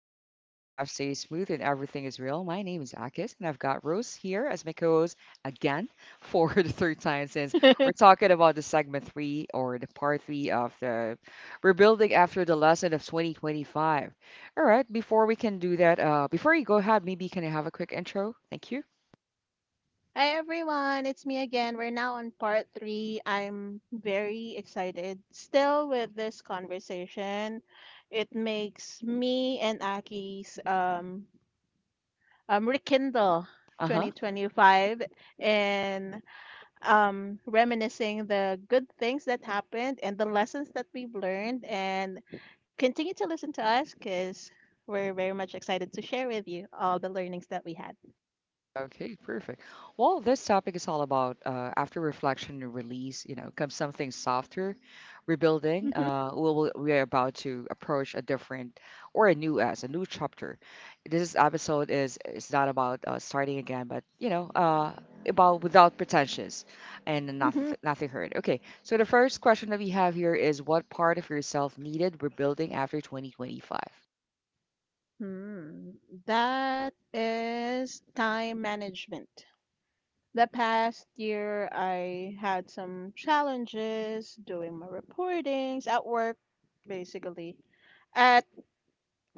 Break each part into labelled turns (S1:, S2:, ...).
S1: flow easy and the vibe stays smooth and everything is real. My name is Akis, and I've got Rose here as my co-host again for the third time since we're talking about the segment three or the part three of the rebuilding after the lesson of 2025. All right, before we can do that, before you go ahead, maybe can I have a quick intro? Thank you.
S2: Hi everyone, it's me again. We're now on part three. I'm very excited still with this conversation. It makes me and Aki's rekindle
S1: Uh-huh.
S2: 2025 and reminiscing the good things that happened and the lessons that we've learned, and continue to listen to us because we're very much excited to share with you all the learnings that we had.
S1: Okay, perfect. Well, this topic is all about after reflection and release, you know, comes something softer, rebuilding. We are about to approach a different or a new as a new chapter. This episode is not about starting again, but you know, about without pretensions and not, nothing hurt. Okay, so the first question that we have here is what part of yourself needed rebuilding after 2025?
S2: Hmm, that is time management. The past year, I had some challenges doing my reportings at work, basically. At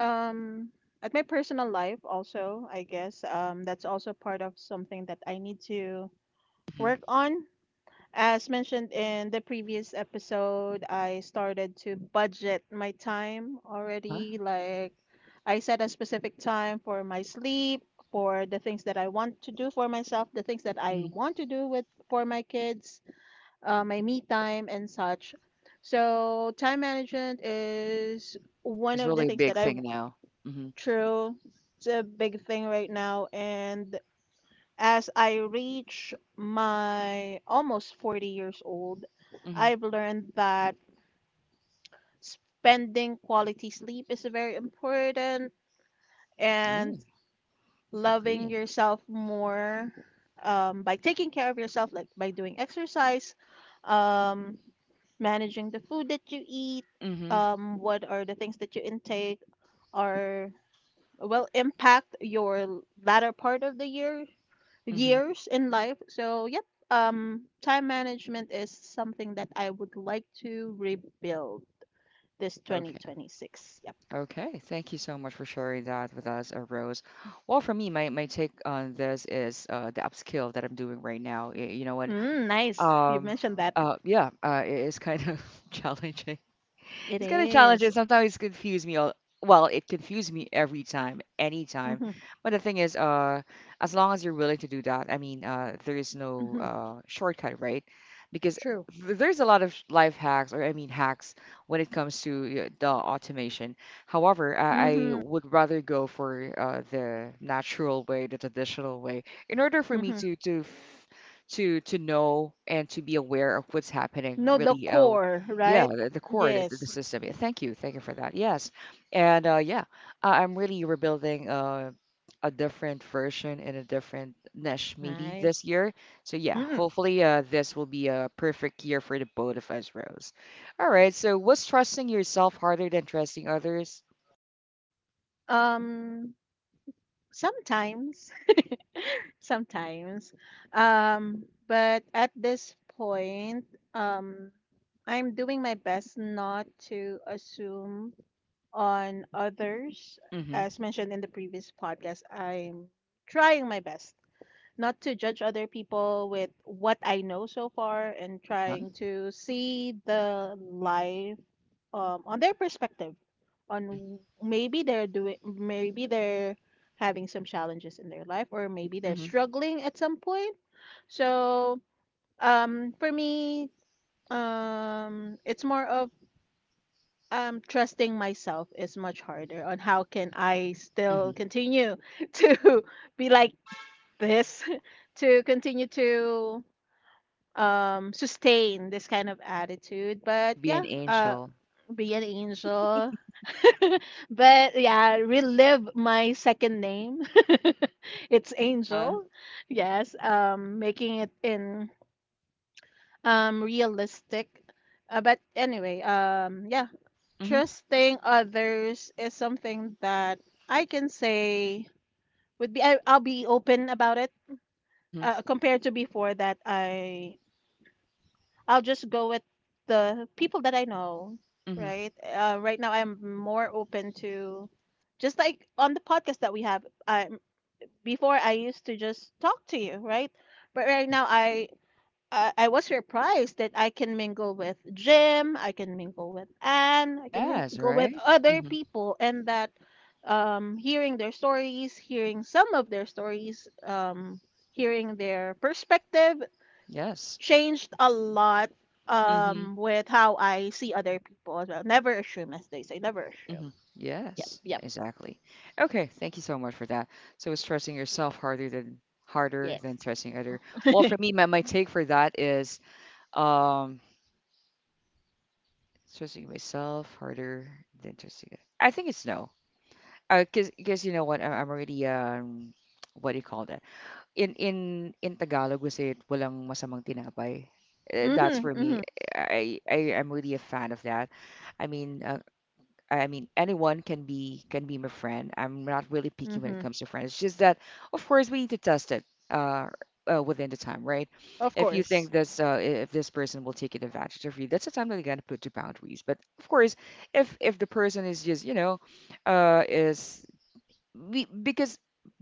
S2: um at my personal life also, I guess. That's also part of something that I need to
S1: Mm-hmm.
S2: work on. As mentioned in the previous episode, I started to budget my time
S1: Uh-huh.
S2: already. Like, I set a specific time for my sleep, for the things that I want to do for myself, the things that I
S1: hmm
S2: want to do with for my kids, my me time and such. So, time management is one
S1: It's
S2: of the
S1: really a
S2: things
S1: big
S2: that I
S1: thing now. Mm-hmm.
S2: true. It's a big thing right now, and as I reach my almost 40 years old, I've learned that spending quality sleep is very important,
S1: Mm-hmm.
S2: and loving
S1: Agreeing.
S2: yourself more by taking care of yourself, like by doing exercise, um, managing the food that you eat,
S1: Mm-hmm.
S2: what are the things that you intake, are will impact your latter part of the
S1: Mm-hmm.
S2: years in life. So, yep, time management is something that I would like to rebuild this
S1: Okay.
S2: 2026. Yep.
S1: Okay. Thank you so much for sharing that with us, Rose. Well, for me, my take on this is the upskill that I'm doing right now. You know what?
S2: Mm, nice. You
S1: Um,
S2: mentioned that.
S1: yeah, it is kind of challenging.
S2: It
S1: It's kind of
S2: is.
S1: challenging. Sometimes it confuse me. Well, it confused me every time, anytime.
S2: Mm-hmm,
S1: But the thing is, as long as you're willing to do that, I mean, there is no
S2: mm-hmm.
S1: shortcut, right? Because
S2: True.
S1: there's a lot of life hacks, or I mean, hacks when it comes to the automation. However, I
S2: Mm-hmm,
S1: would rather go for the natural way, the traditional way, in order for me
S2: mm-hmm.
S1: to know and to be aware of what's happening
S2: No, the
S1: really
S2: core,
S1: yeah,
S2: right?
S1: the core, the
S2: Yes.
S1: system. Yeah, thank you for that. Yes, and yeah, I'm really rebuilding a different version in a different niche maybe this
S2: Nice.
S1: year. So yeah,
S2: Mm.
S1: hopefully this will be a perfect year for the both of us, Rose. All right. So what's trusting yourself harder than trusting others?
S2: Um, sometimes sometimes. But at this point, um, I'm doing my best not to assume on others.
S1: Mm-hmm.
S2: As mentioned in the previous podcast, I'm trying my best not to judge other people with what I know so far, and
S1: Uh-huh.
S2: trying to see the life on their perspective on
S1: Mm-hmm.
S2: maybe they're doing, maybe they're having some challenges in their life, or maybe they're
S1: Mm-hmm.
S2: struggling at some point. So for me, it's more of trusting myself is much harder. On how can I
S1: Mm-hmm.
S2: still continue to be like this, to continue to sustain this kind of attitude, but
S1: To be an
S2: yeah,
S1: angel.
S2: be an angel. But yeah, relive my second name. It's
S1: Uh-huh.
S2: angel. Yes, making it in realistic, but anyway, yeah,
S1: Mm-hmm.
S2: trusting others is something that I can say would be I'll be open about it,
S1: Mm-hmm.
S2: compared to before that I'll just go with the people that I know,
S1: Mm-hmm.
S2: right? Right now, I'm more open to, just like on the podcast that we have. I Before I used to just talk to you, right? But
S1: Yeah.
S2: right now, I was surprised that I can mingle with Jim, I can mingle with Anne, I can
S1: Yes.
S2: mingle with
S1: Right.
S2: other
S1: Mm-hmm.
S2: people, and that hearing their stories, hearing some of their stories, hearing their perspective
S1: Yes.
S2: changed a lot,
S1: Mm-hmm.
S2: with how I see other people as well. Never assume, as they say, never
S1: hmm
S2: assume. Yep,
S1: Yes,
S2: yep,
S1: exactly. Okay, thank you so much for that. So stressing yourself harder than
S2: yes.
S1: stressing other. Well, for me, my take for that is um stressing myself harder than stressing. I think it's no. Cause you know what, I'm already what do you call that? In in Tagalog, we say it walang masamang tinapay. That's
S2: Mhm,
S1: for me.
S2: mhm,
S1: I am really a fan of that. I mean, uh, I mean, anyone can be my friend. I'm not really picky when it
S2: mhm.
S1: comes to friends. It's just that, of course, we need to test it uh, within the time, right?
S2: Of
S1: If you
S2: course.
S1: think this, if this person will take advantage of you, that's the time that you gotta put your boundaries. But of course, if the person is just, you know, is be, because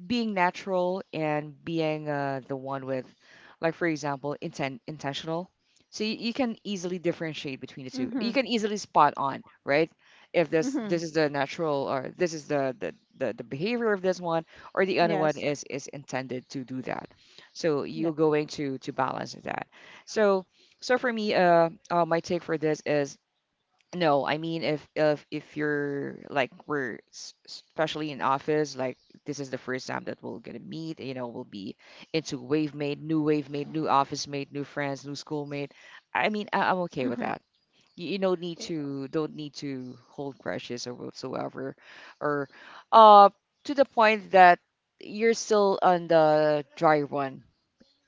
S1: being natural and being the one with, like for example, intentional. So you can easily differentiate between the two. You
S2: Mhm,
S1: can easily spot on, right? If
S2: mhm.
S1: this is the natural or this is the behavior of this one or the other one
S2: Yes.
S1: is intended to do that. So
S2: Yeah.
S1: you're going to balance that. So so for me, my take for this is no. I mean if you're like especially in office, like this is the first time that we're gonna meet, you know, we'll be into wave mate, new office mate, new friends, new schoolmate. I mean, I'm okay with
S2: Mhm.
S1: that. You don't need
S2: eh,
S1: to hold crushes or whatsoever, or uh to the point that you're still on the dry run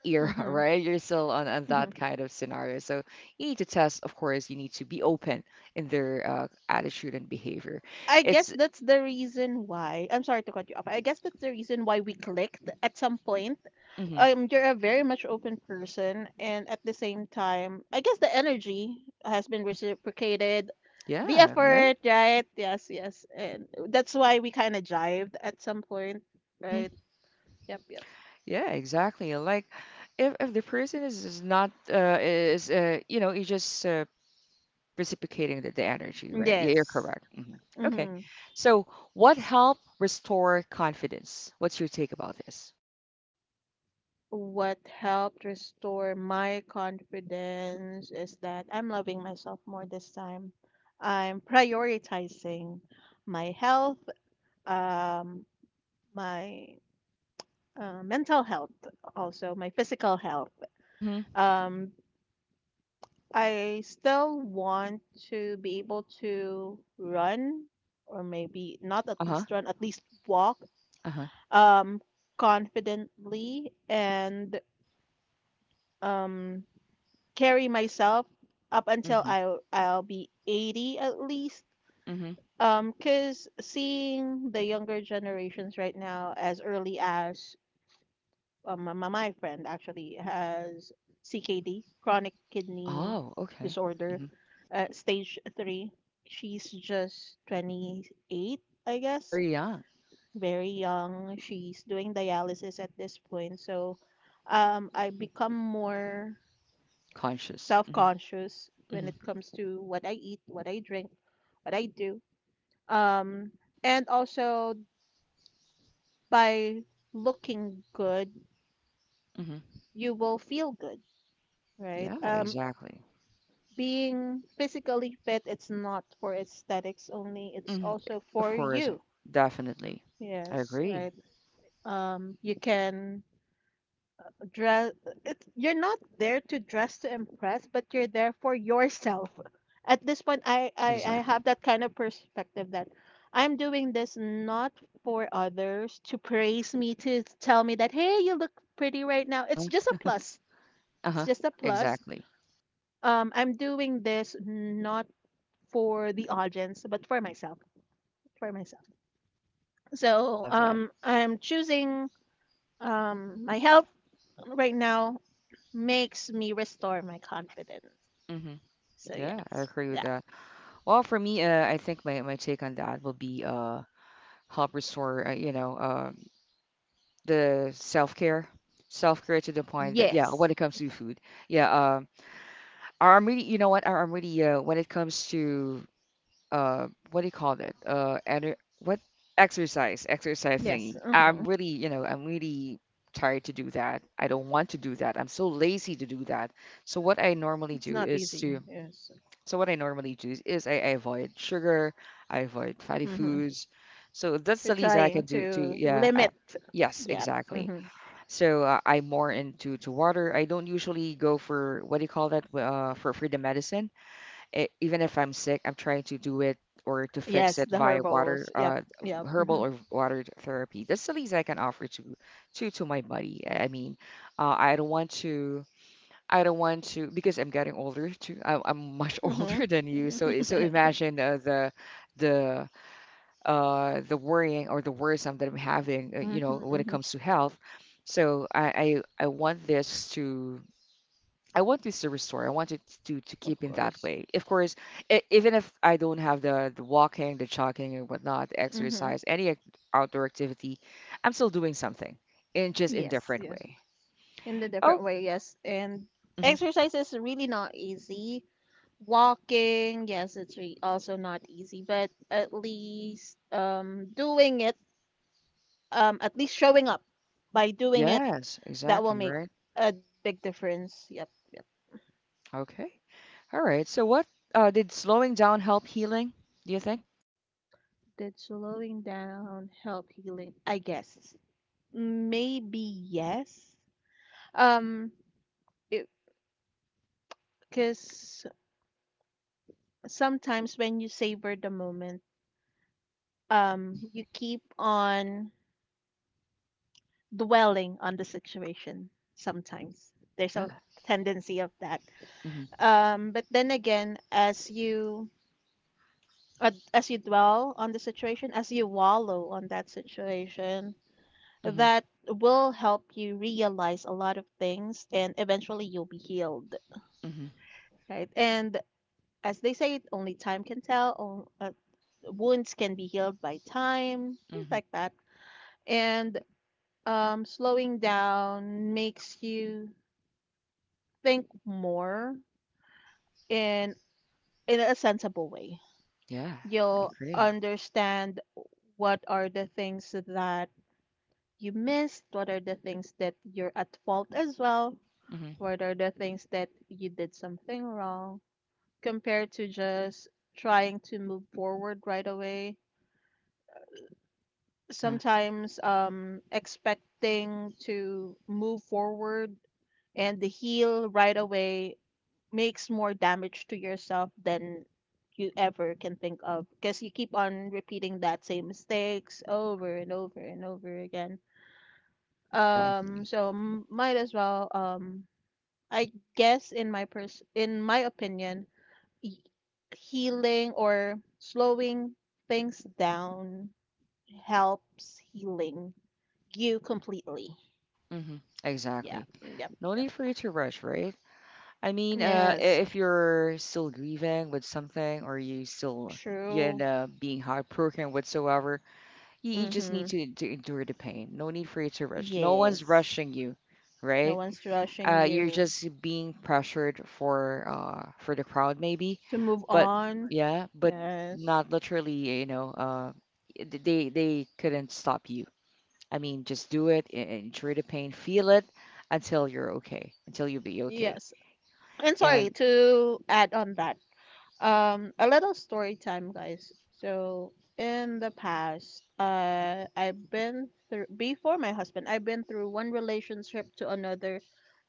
S1: era,
S2: Mhm.
S1: right? You're still on that
S2: Mhm.
S1: kind of scenario. So you need to test, of course, you need to be open in their attitude and behavior.
S2: I guess
S1: It's,
S2: that's the reason why. I'm sorry to cut you off. I guess that's the reason why we clicked at some point.
S1: hmm
S2: You're a very much open person, and at the same time, I guess the energy has been
S1: hmm
S2: reciprocated. The
S1: yeah, right?
S2: effort, right? Yes, yes. And that's why we kind of jived at some point,
S1: hmm
S2: right? Yep, yep.
S1: Yeah, exactly. Like, if the person is not is you know you just reciprocating the energy, right? Yeah, you're
S2: Yes.
S1: correct. Okay,
S2: Hmm.
S1: so what help restore confidence? What's your take about this?
S2: What helped restore my confidence is that I'm loving myself more this time. I'm prioritizing my health, um, my mental health, also my physical health.
S1: Mm-hmm.
S2: Um, I still want to be able to run, or maybe not at
S1: Uh-huh.
S2: least run, at least walk,
S1: Uh-huh.
S2: um, confidently and um, carry myself up until
S1: Mm-hmm.
S2: I'll be 80 at least.
S1: Mm-hmm.
S2: 'Cause seeing the younger generations right now as early as my friend actually has CKD, chronic kidney
S1: Oh, okay.
S2: disorder,
S1: Mm-hmm.
S2: stage three. She's just 28, I guess,
S1: Very young,
S2: very young. She's doing dialysis at this point. So I become more
S1: conscious.
S2: self conscious when
S1: Hmm
S2: it comes to what I eat, what I drink, what I do. Um, and also by looking good,
S1: hmm
S2: you will feel good, right?
S1: Yeah, exactly.
S2: Being physically fit, it's not for aesthetics only, it's
S1: hmm
S2: also
S1: Of
S2: for
S1: course,
S2: you.
S1: definitely. I
S2: Yes,
S1: agree.
S2: right. You can dress, it's, you're not there to dress to impress, but you're there for yourself. At this point, I
S1: Exactly.
S2: have that kind of perspective that I'm doing this not for others to praise me, to tell me that, hey, you look pretty right now.
S1: Uh-huh.
S2: It's just a plus. It's
S1: Uh-huh.
S2: just a plus.
S1: Exactly.
S2: I'm doing this not for the audience, but for myself, for myself.
S1: I
S2: So
S1: love that.
S2: I'm choosing my health right now makes me restore my confidence.
S1: hmm
S2: So
S1: Yeah, I
S2: yes,
S1: agree with
S2: yeah,
S1: that. Well, for me, I think my take on that will be help restore the self-care, self-care to the point that yeah, when
S2: yes,
S1: it comes to food, yeah, I'm really you know what I'm really when it comes to what do you call that ener- what exercise. Exercise thingy
S2: yes.
S1: I'm
S2: Hmm.
S1: really, you know, I'm really tired to do that. I don't want to do that. I'm so lazy to do that. so what i normally
S2: It's
S1: do
S2: not
S1: is
S2: easy.
S1: to
S2: Yes,
S1: so what I normally do is, I avoid sugar, I avoid fatty
S2: hmm.
S1: foods, so that's
S2: You're
S1: the least I can
S2: trying
S1: do to
S2: to
S1: yeah.
S2: limit.
S1: Yes,
S2: Yeah.
S1: exactly.
S2: Hmm.
S1: So I'm more into to water. I don't usually go for what do you call that, for the medicine. Even if I'm sick, I'm trying to do it or to fix
S2: Yes,
S1: it
S2: the
S1: via water,
S2: herbals. Yep. Yep.
S1: herbal
S2: Hmm.
S1: or water therapy. That's the least I can offer to my body. I mean, I don't want to. I don't want to because I'm getting older too. I'm much
S2: Hmm.
S1: older than you, so so imagine the the worrying or the worrisome that I'm having,
S2: Hmm.
S1: you know, when it
S2: Hmm.
S1: comes to health. So I want this to I want this to restore. I want it to
S2: Of
S1: keep in that
S2: course.
S1: way. Of course, even if I don't have the walking, the jogging, and whatnot, the
S2: Hmm.
S1: exercise, outdoor activity, I'm still doing something in just in
S2: Yes.
S1: different
S2: Yes.
S1: way.
S2: In the
S1: Oh,
S2: different way, yes. And
S1: mhm.
S2: exercise is really not easy. Walking, yes, it's re also not easy, but at least doing it, at least showing up by doing it,
S1: Yes,
S2: that will
S1: exactly
S2: make
S1: right.
S2: a big difference. Yep, yep.
S1: Okay, all right. So, what did slowing down help healing? Do you think?
S2: Did slowing down help healing? I guess. Maybe yes. Um, because sometimes when you savor the moment,
S1: hmm
S2: you keep on dwelling on the situation sometimes. There's
S1: Yeah.
S2: a tendency of that.
S1: hmm
S2: But then again, as you as you dwell on the situation, as you wallow on that situation,
S1: hmm
S2: that will help you realize a lot of things and eventually you'll be healed,
S1: hmm
S2: right? And as they say, only time can tell, wounds can be healed by time, things
S1: hmm
S2: like that. And slowing down makes you think more in in a sensible way.
S1: Yeah, I
S2: You'll
S1: agree.
S2: understand what are the things that you missed, what are the things that you're at fault as well,
S1: hmm
S2: what are the things that you did something wrong, compared to just trying to move forward right away.
S1: Uh-huh.
S2: Sometimes expecting to move forward and heal right away makes more damage to yourself than you ever can think of, because you keep on repeating that same mistakes over and over and over again.
S1: Exactly.
S2: Might as well, I guess in my in my opinion, y- healing or slowing things down helps healing you completely.
S1: hmm
S2: Yeah,
S1: Exactly.
S2: yep, yep,
S1: No
S2: yep.
S1: need for you to rush, right? I mean,
S2: Yes,
S1: if you're still grieving with something or you still, you
S2: true.
S1: know, being heartbroken whatsoever, you just need
S2: Mhm.
S1: to endure the pain. No need for you to rush. No one's
S2: Yes.
S1: rushing you,
S2: No
S1: right?
S2: one's rushing
S1: You're
S2: you
S1: just being pressured for the crowd maybe,
S2: to move
S1: but
S2: on.
S1: yeah, but
S2: Yes.
S1: not literally, you know, they couldn't stop you. I mean, just do it, endure the pain, feel it until you're okay, until you'll be okay.
S2: Yes. And sorry
S1: And
S2: to add on that. A little story time, guys. So in the past, I've been through before my husband, I've been through one relationship to another,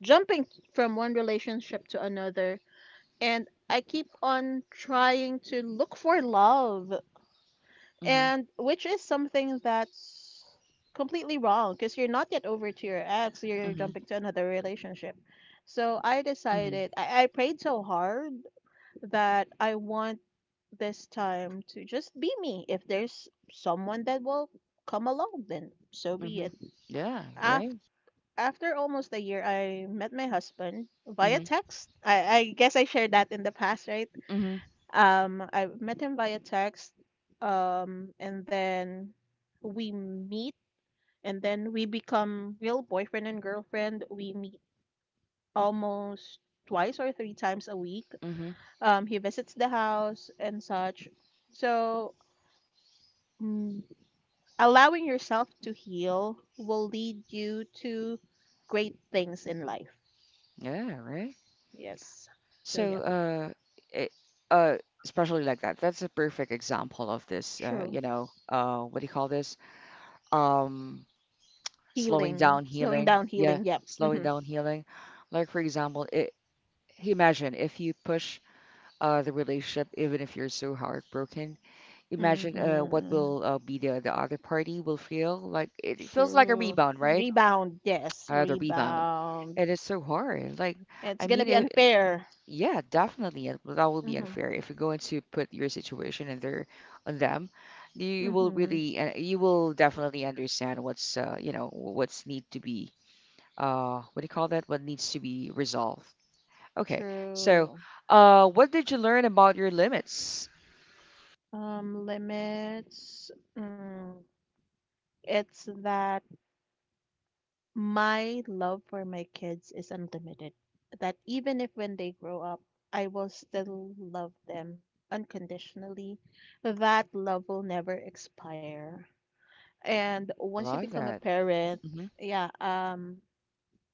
S2: jumping from one relationship to another, and I keep on trying to look for love.
S1: mhm.
S2: And which is something that's completely wrong, because you're not yet over to your ex, you're
S1: Mhm.
S2: jumping to another relationship. So I
S1: Mhm.
S2: decided, I prayed so hard that I want this time to just be me. If there's someone that will come along, then so be
S1: Mhm.
S2: it.
S1: Yeah.
S2: After
S1: Right.
S2: After almost a year, I met my husband via
S1: Mhm.
S2: text. I guess I shared that in the past, right?
S1: Mhm.
S2: I met him via text, and then we meet, and then we become real boyfriend and girlfriend. We meet almost twice or three times a week.
S1: Mhm.
S2: He visits the house and such. So, mm, allowing yourself to heal will lead you to great things in life.
S1: Yeah. Right.
S2: Yes. So,
S1: So,
S2: yeah.
S1: it, uh, especially like that. That's a perfect example of this.
S2: True.
S1: You know, what do you call this? Um, slowing
S2: Healing,
S1: down
S2: slowing
S1: healing.
S2: down
S1: Yeah,
S2: healing. Yep.
S1: slowing
S2: Mm-hmm.
S1: down healing. Like for example, it. Imagine if you push the relationship, even if you're so heartbroken. Imagine what
S2: Mm-hmm.
S1: will be the other party will feel like. It feels like a
S2: True.
S1: rebound, right?
S2: Rebound, yes,
S1: Uh, the rebound.
S2: rebound.
S1: It is so hard. Like,
S2: It's
S1: I
S2: gonna
S1: mean,
S2: be unfair.
S1: yeah, definitely, that will be
S2: Mm-hmm.
S1: unfair if you're going to put your situation in their on them. You will
S2: Mm-hmm.
S1: really, you will definitely understand what's, you know, what's need to be, what do you call that? What needs to be resolved. Okay, so,
S2: True.
S1: what did you learn about your limits?
S2: Limits. Mm, it's that my love for my kids is unlimited. That even if when they grow up, I will still love them unconditionally. That love will never expire. And
S1: I
S2: once you
S1: love
S2: become a
S1: that.
S2: parent,
S1: Mm-hmm.
S2: yeah,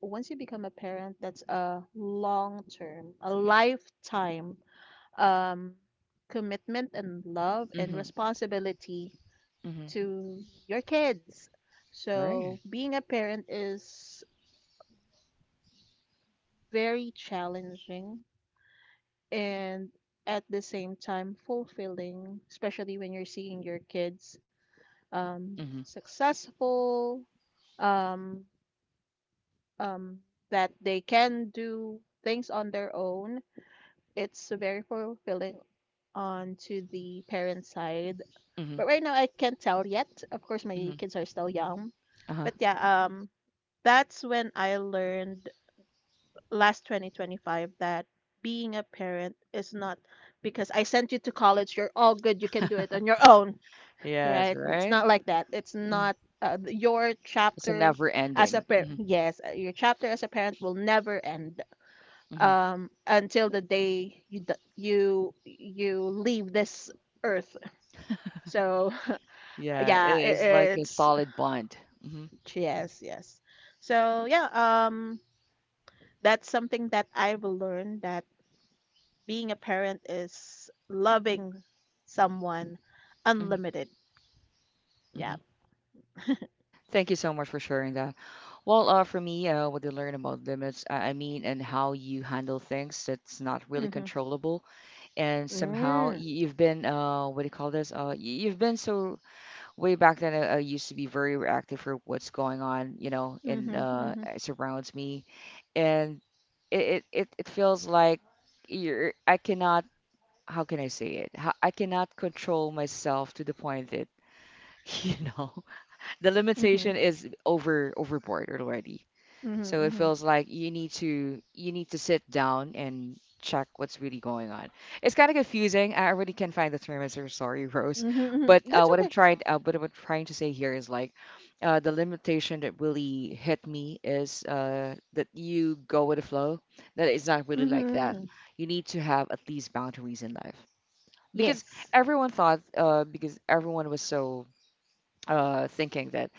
S2: once you become a parent, that's a long term, a lifetime um, commitment and love and
S1: Mm-hmm.
S2: responsibility
S1: Mm-hmm.
S2: to your kids. So,
S1: Right.
S2: being a parent is very challenging and at the same time fulfilling, especially when you're seeing your kids
S1: Mm-hmm.
S2: successful, um, um, that they can do things on their own, it's very fulfilling on to the parent side.
S1: Mm-hmm.
S2: But right now I can't tell yet. Of course my
S1: Mm-hmm.
S2: kids are still young.
S1: Uh-huh.
S2: But yeah, that's when I learned last 2025 that being a parent is not because I sent you to college, you're all good, you can do it on your own,
S1: Yes.
S2: right? It's
S1: Right.
S2: not like that. It's
S1: Mm-hmm.
S2: not your
S1: It's a
S2: chapter
S1: never
S2: as a
S1: ending.
S2: parent.
S1: Mm-hmm.
S2: Yes, your chapter as a parent will never end,
S1: hmm
S2: until the day you you you leave this earth. So
S1: Yeah, it
S2: yeah,
S1: is like a
S2: it's
S1: solid bond. hmm
S2: yes, yes. So yeah, that's something that I've learned, that being a parent is loving someone
S1: hmm
S2: unlimited. Yeah.
S1: hmm Thank you so much for sharing that. Well, for me, what I learn about limits, I mean, and how you handle things that's not really
S2: Mm-hmm.
S1: controllable, and somehow
S2: Mm.
S1: you've been, what do you call this? You've been so way back then. I used to be very reactive for what's going on, you know, and
S2: Mm-hmm. Mm-hmm.
S1: it surrounds me, and it feels like you're I cannot. How can I say it? How, I cannot control myself to the point that, you know, the
S2: Mm-hmm.
S1: limitation is overboard already.
S2: Mm-hmm.
S1: So
S2: Mm-hmm.
S1: it
S2: Mm-hmm.
S1: feels like you need to sit down and check what's really going on. It's kind of confusing. I really can't find the term. I'm so sorry, Rose.
S2: Mm-hmm. Mm-hmm.
S1: But
S2: Mm-hmm. That's okay.
S1: what I'm trying to say here is like the limitation that really hit me is that you go with the flow. That it's not really like
S2: Mm-hmm.
S1: that.
S2: Mm-hmm.
S1: You need to have at least boundaries in life because
S2: Yes.
S1: everyone thought because everyone was so thinking that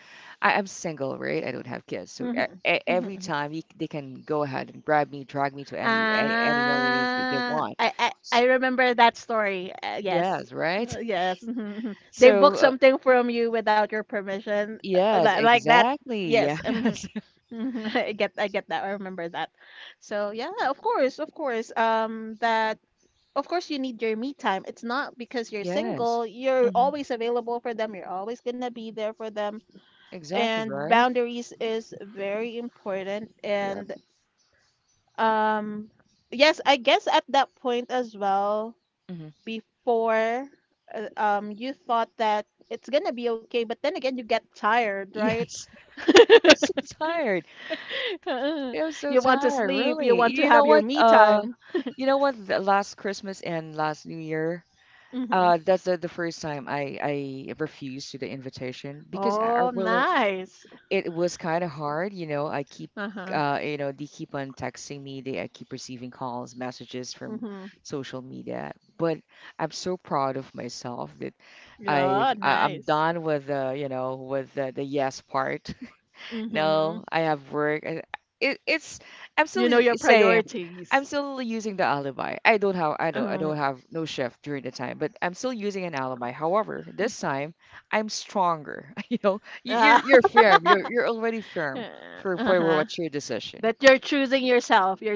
S1: I'm single, right? I don't have kids, so
S2: Mm-hmm.
S1: every
S2: Mm-hmm.
S1: time they can go ahead and grab me, drag me to any, anywhere they
S2: Ah,
S1: want.
S2: I, I
S1: So,
S2: I remember that story. Yes,
S1: yes, right?
S2: uh, yes. Mhm, mhm. They book
S1: So
S2: something from you without your permission, uh,
S1: yes,
S2: li- like that.
S1: exactly.
S2: Yes,
S1: Yes,
S2: mhm, mhm, I get that. I remember that. So yeah, of course. That of course you need your me time. It's not because you're
S1: yes.
S2: single. You're
S1: Hmm.
S2: always available for them. You're always gonna be there for them.
S1: Exactly
S2: And
S1: right.
S2: boundaries is very important.
S1: Yep.
S2: And um, yes, I guess at that point as well,
S1: Hmm.
S2: before, you thought that it's gonna be okay, but then again, you get tired, right?
S1: Yes, I'm so tired. I'm so
S2: You want to
S1: tired,
S2: sleep, you
S1: really.
S2: want to
S1: You know
S2: have your
S1: what?
S2: me
S1: Uh,
S2: time.
S1: you know what? The last Christmas and last New Year,
S2: Hmm.
S1: That's the first time I refused to the invitation because I
S2: Oh,
S1: really
S2: nice.
S1: it was kind of hard. I keep
S2: Uh-huh.
S1: they keep on texting me. They I keep receiving calls, messages from
S2: Mm-hmm.
S1: social media. But I'm so proud of myself that I've
S2: Yeah,
S1: I, I'm
S2: nice.
S1: done with the you know with the yes part.
S2: Mm-hmm.
S1: No, I have work. I- It, it's I'm still
S2: You know
S1: y-
S2: your
S1: saying I'm
S2: priorities.
S1: still using the alibi. I don't have
S2: Uh,
S1: no shift during the time, but I'm still using an alibi. However, this time I'm stronger. You know, you,
S2: uh-huh.
S1: you're you're firm. You're already firm for what's your decision.
S2: That you're choosing yourself. You're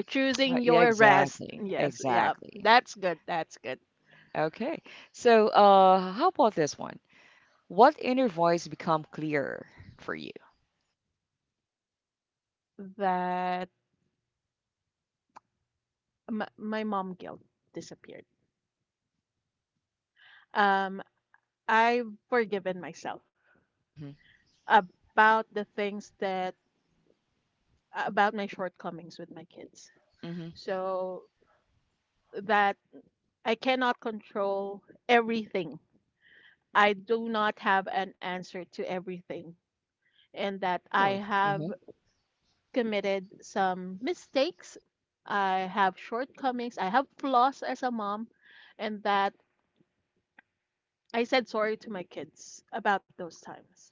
S2: choosing
S1: Yeah,
S2: your rest.
S1: exactly,
S2: Yes. Yeah.
S1: exactly.
S2: That's good. That's good.
S1: Okay, so how about this one? What inner voice become clearer for you?
S2: That my mom guilt disappeared. Um, I've forgiven myself
S1: Mm-hmm.
S2: about the things that about my shortcomings with my kids.
S1: Mm-hmm.
S2: So that I cannot control everything. I do not have an answer to everything, and that I
S1: Oh.
S2: have
S1: Mm-hmm.
S2: committed some mistakes. I have shortcomings. I have flaws as a mom, and that I said sorry to my kids about those times.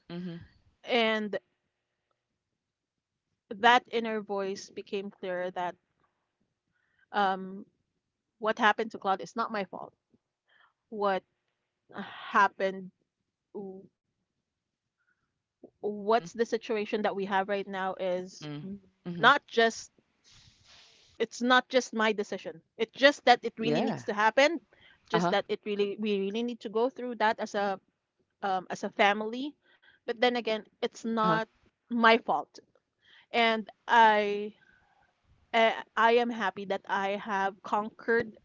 S2: And that inner voice became clear that um, what happened to Cloud is not my fault. What happened,
S1: Mm-hmm.
S2: what's the situation that we have right now is
S1: Mm. Mhm.
S2: not just, it's not just my decision. It's just that it really needs
S1: Yeah.
S2: to happen just
S1: Uh-huh.
S2: that it really we really need to go through that as a family. But then again, it's not
S1: Uh-huh.
S2: my fault. And I am happy that I have conquered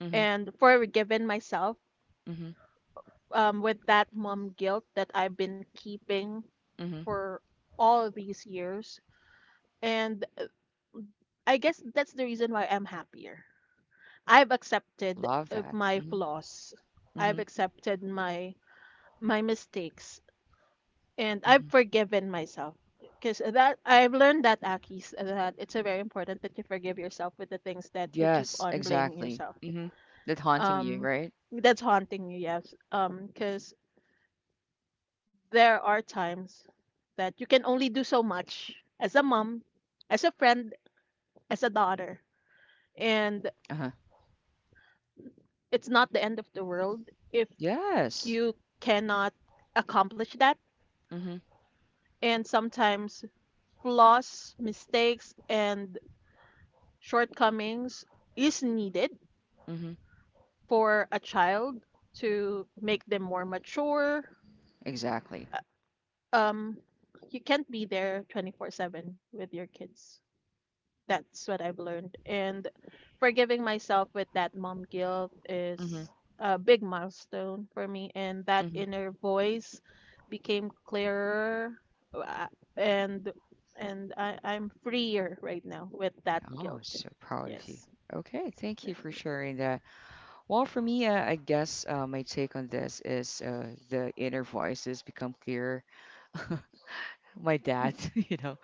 S1: Mhm.
S2: and forgiven myself
S1: Mhm.
S2: with that mom guilt that I've been keeping
S1: Mhm.
S2: for all these years. And I guess that's the reason why I'm happier. I've
S1: I
S2: accepted
S1: love that.
S2: my
S1: Mhm.
S2: flaws. I've
S1: Mhm.
S2: accepted my mistakes and I've
S1: Mhm.
S2: forgiven myself because that I've learned that Akis that it's a very important that you forgive yourself with the things that you keep
S1: Yes,
S2: on blaming
S1: exactly.
S2: yourself.
S1: Mhm. That haunting you,
S2: Um,
S1: right?
S2: that's haunting you, yes. Because there are times that you can only do so much as a mom, as a friend, as a daughter, and
S1: Uh-huh.
S2: it's not the end of the world if
S1: Yes.
S2: you cannot accomplish that.
S1: Mhm.
S2: And sometimes flaws, mistakes, and shortcomings is needed
S1: Mhm.
S2: for a child to make them more mature.
S1: Exactly.
S2: Uh, Um, you can't be there 24/7 with your kids. That's what I've learned. And forgiving myself with that mom guilt
S1: Mhm.
S2: is a big milestone for me. And that
S1: Mhm.
S2: inner voice became clearer, uh, and and I'm freer right now with that
S1: Oh,
S2: guilt.
S1: so proud of you.
S2: Yes.
S1: Okay, thank you for sharing that. Well, for me, I guess my take on this is the inner voices become clearer. My dad, you know,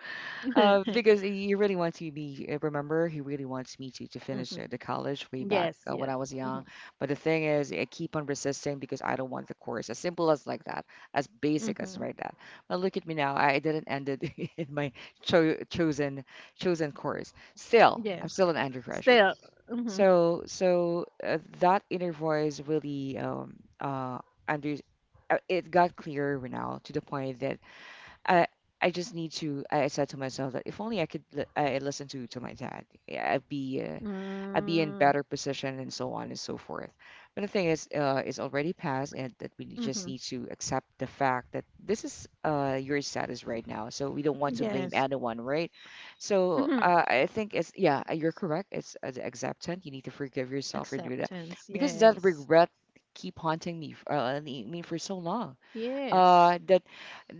S1: Uh,
S2: Mhm.
S1: because he really wants to be, remember, he really wants me to finish the college way back
S2: Yes,
S1: when
S2: yes.
S1: I was
S2: Hmm.
S1: young. But the thing is, I keep on resisting because I don't want the course. As simple as like that, as basic
S2: Hmm.
S1: as right that. But look at me now, I didn't end it in my cho chosen chosen course. Still, I'm
S2: Yes.
S1: still an undergraduate.
S2: Still. Hmm.
S1: So that inner voice really uh under it got clearer now to the point that I I just need to. I said to myself that if only I could li- I listen to my dad, yeah, I'd be in
S2: Mm.
S1: better position and so on and so forth. But the thing is, it's already passed and that we just
S2: Hmm.
S1: need to accept the fact that this is your status right now. So we don't want to blame
S2: Yes.
S1: anyone, right? So
S2: Hmm.
S1: I think it's yeah, you're correct. It's as acceptance. You need to forgive yourself for doing that
S2: Acceptance.
S1: because that
S2: Yes.
S1: regret keep haunting me, for so long
S2: Yes.
S1: uh, that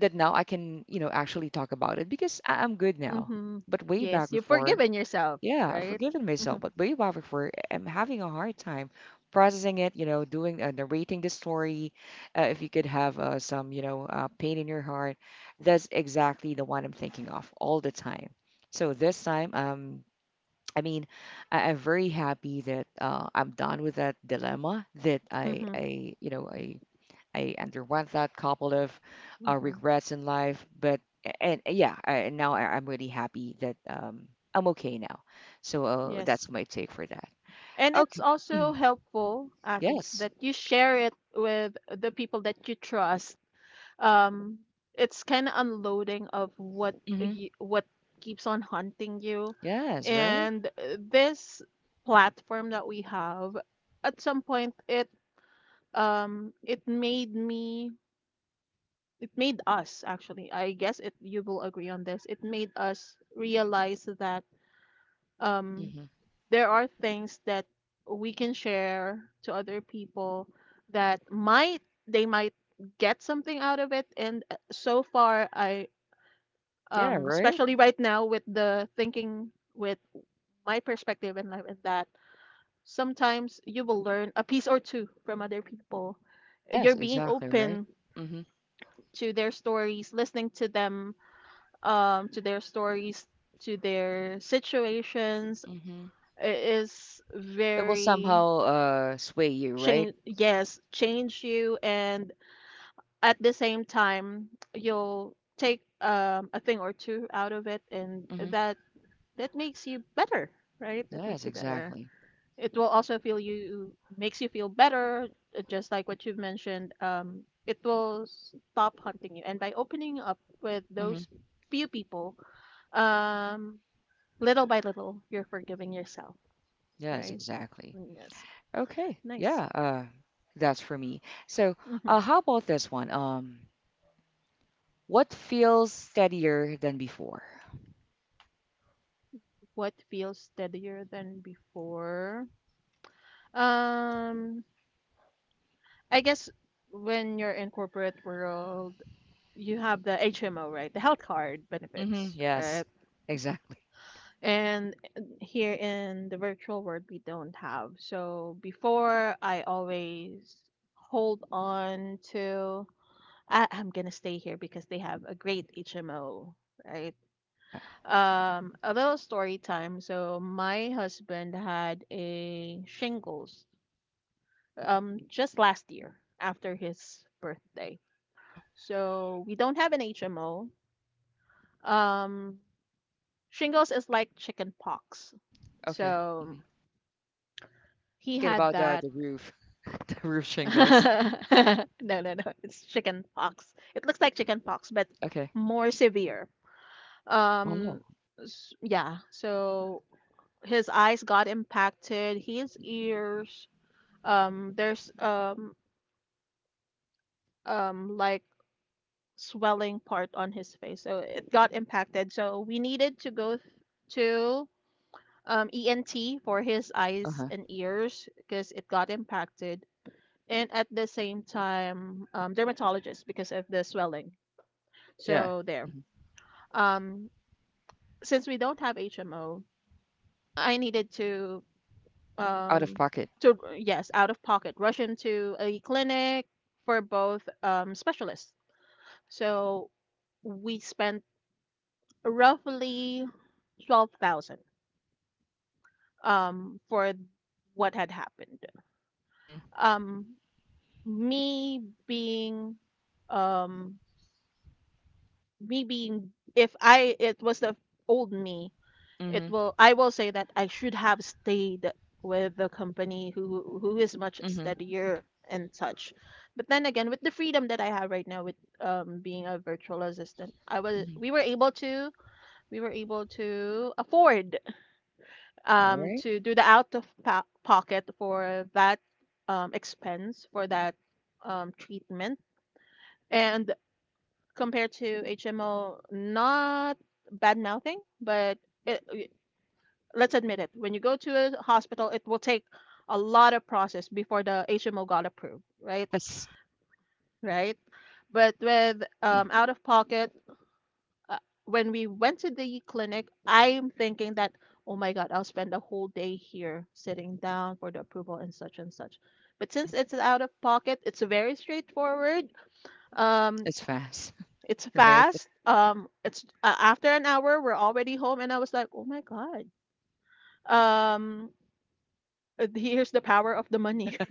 S1: that now I can, actually talk about it because I'm good now.
S2: Hmm.
S1: But way back
S2: Yes. You've
S1: before,
S2: forgiven yourself,
S1: yeah, I've
S2: right?
S1: forgiven
S2: Hmm.
S1: myself, but way back before, I'm having a hard time processing it, doing narrating the story. If you could have some, pain in your heart, that's exactly the one I'm thinking of all the time. So this time, I mean, I'm very happy that I'm done with that dilemma that
S2: Hmm.
S1: I, you know, I underwent that couple of
S2: Hmm.
S1: regrets in life, but and yeah, and now I'm really happy that I'm okay now. So that's
S2: Yes.
S1: my take for that.
S2: And it's
S1: Okay. Mhm.
S2: also helpful, Akis,
S1: Yes.
S2: that you share it with the people that you trust, um, it's kind of unloading of
S1: Hmm.
S2: what keeps on haunting you,
S1: Yes. Right.
S2: and this platform that we have at some point, it um, it made me, it made us actually, I guess, it you will agree on this, it made us realize that um,
S1: Hmm.
S2: there are things that we can share to other people that might they might get something out of it, and so far, I
S1: Yeah. Right.
S2: especially right now with the thinking with my perspective in life is that sometimes you will learn a piece or two from other people.
S1: Yes.
S2: You're being
S1: Exactly. Right.
S2: open
S1: Hmm.
S2: to their stories, listening to them, to their stories, to their situations,
S1: Hmm.
S2: I- is
S1: It will
S2: very
S1: somehow sway you. Right.
S2: change. Yes, change you, and at the same time, you'll take a thing or two out of it, and
S1: Hmm.
S2: that that makes you better, right? That
S1: Yes.
S2: makes you better.
S1: Exactly.
S2: It will also feel you makes you feel better, just like what you've mentioned. It will stop hunting you, and by opening up with
S1: Hmm.
S2: those few people, um, little by little, you're forgiving yourself,
S1: Yes.
S2: right?
S1: Exactly.
S2: Yes,
S1: Okay.
S2: nice.
S1: Yeah. That's for me. So,
S2: Hmm.
S1: how about this one? What feels steadier than before?
S2: What feels steadier than before? Um, I guess when you're in corporate world, you have the HMO, right? The health card
S1: Mm-hmm.
S2: benefits,
S1: Yes.
S2: right?
S1: Exactly.
S2: And here in the virtual world, we don't have. So before, I always hold on to, I'm going to stay here because they have a great HMO, right?
S1: Yeah.
S2: A little story time. So my husband had a shingles just last year after his birthday.
S1: Uh-huh.
S2: So we don't have an HMO. Um, shingles is like chicken pox.
S1: Okay.
S2: So
S1: Hmm. I'm
S2: he
S1: thinking
S2: had
S1: about the
S2: that.
S1: the roof, the roof shingles.
S2: no, no. It's chicken pox. It looks like
S1: Uh-huh.
S2: chicken pox, but
S1: Okay.
S2: more severe. Um,
S1: Oh.
S2: yeah. So his eyes got impacted. His ears. There's like Swelling part on his face. So it got impacted. So we needed to go to ENT for his eyes
S1: Uh-huh.
S2: and ears because it got impacted, and at the same time, dermatologist because of the swelling.
S1: Yeah.
S2: So there.
S1: Hmm.
S2: Um, since we don't have HMO, I needed to
S1: Out of
S2: um,
S1: pocket.
S2: yes, out of pocket, rush into a clinic for both specialists. So we spent roughly 12,000 for what had happened.
S1: Mm-hmm.
S2: Um, me being um me being if I it was the old me, it
S1: Mm-hmm.
S2: will I will say that I should have stayed with the company who is much
S1: Mm-hmm.
S2: steadier and such. But then again, with the freedom that I have right now with being a virtual assistant, I was we
S1: Mm-hmm.
S2: were able to we were able to afford
S1: Yeah, right?
S2: to do the out of pocket for that expense for that treatment. And compared to HMO, not bad mouthing, but it, let's admit it. When you go to a hospital, it will take a lot of process before the HMO got approved, right?
S1: Yes.
S2: Right. But with
S1: Free.
S2: out of pocket, uh, when we went to the clinic, I'm thinking that, oh my God, I'll spend a whole day here sitting down for the approval and such and such. But
S1: Mm-hmm.
S2: since it's out of pocket, it's very straightforward. Um,
S1: It's fast,
S2: It's
S1: right?
S2: fast. It's after an hour, we're already home, and I was like, oh my God. Um, here's the power of the money.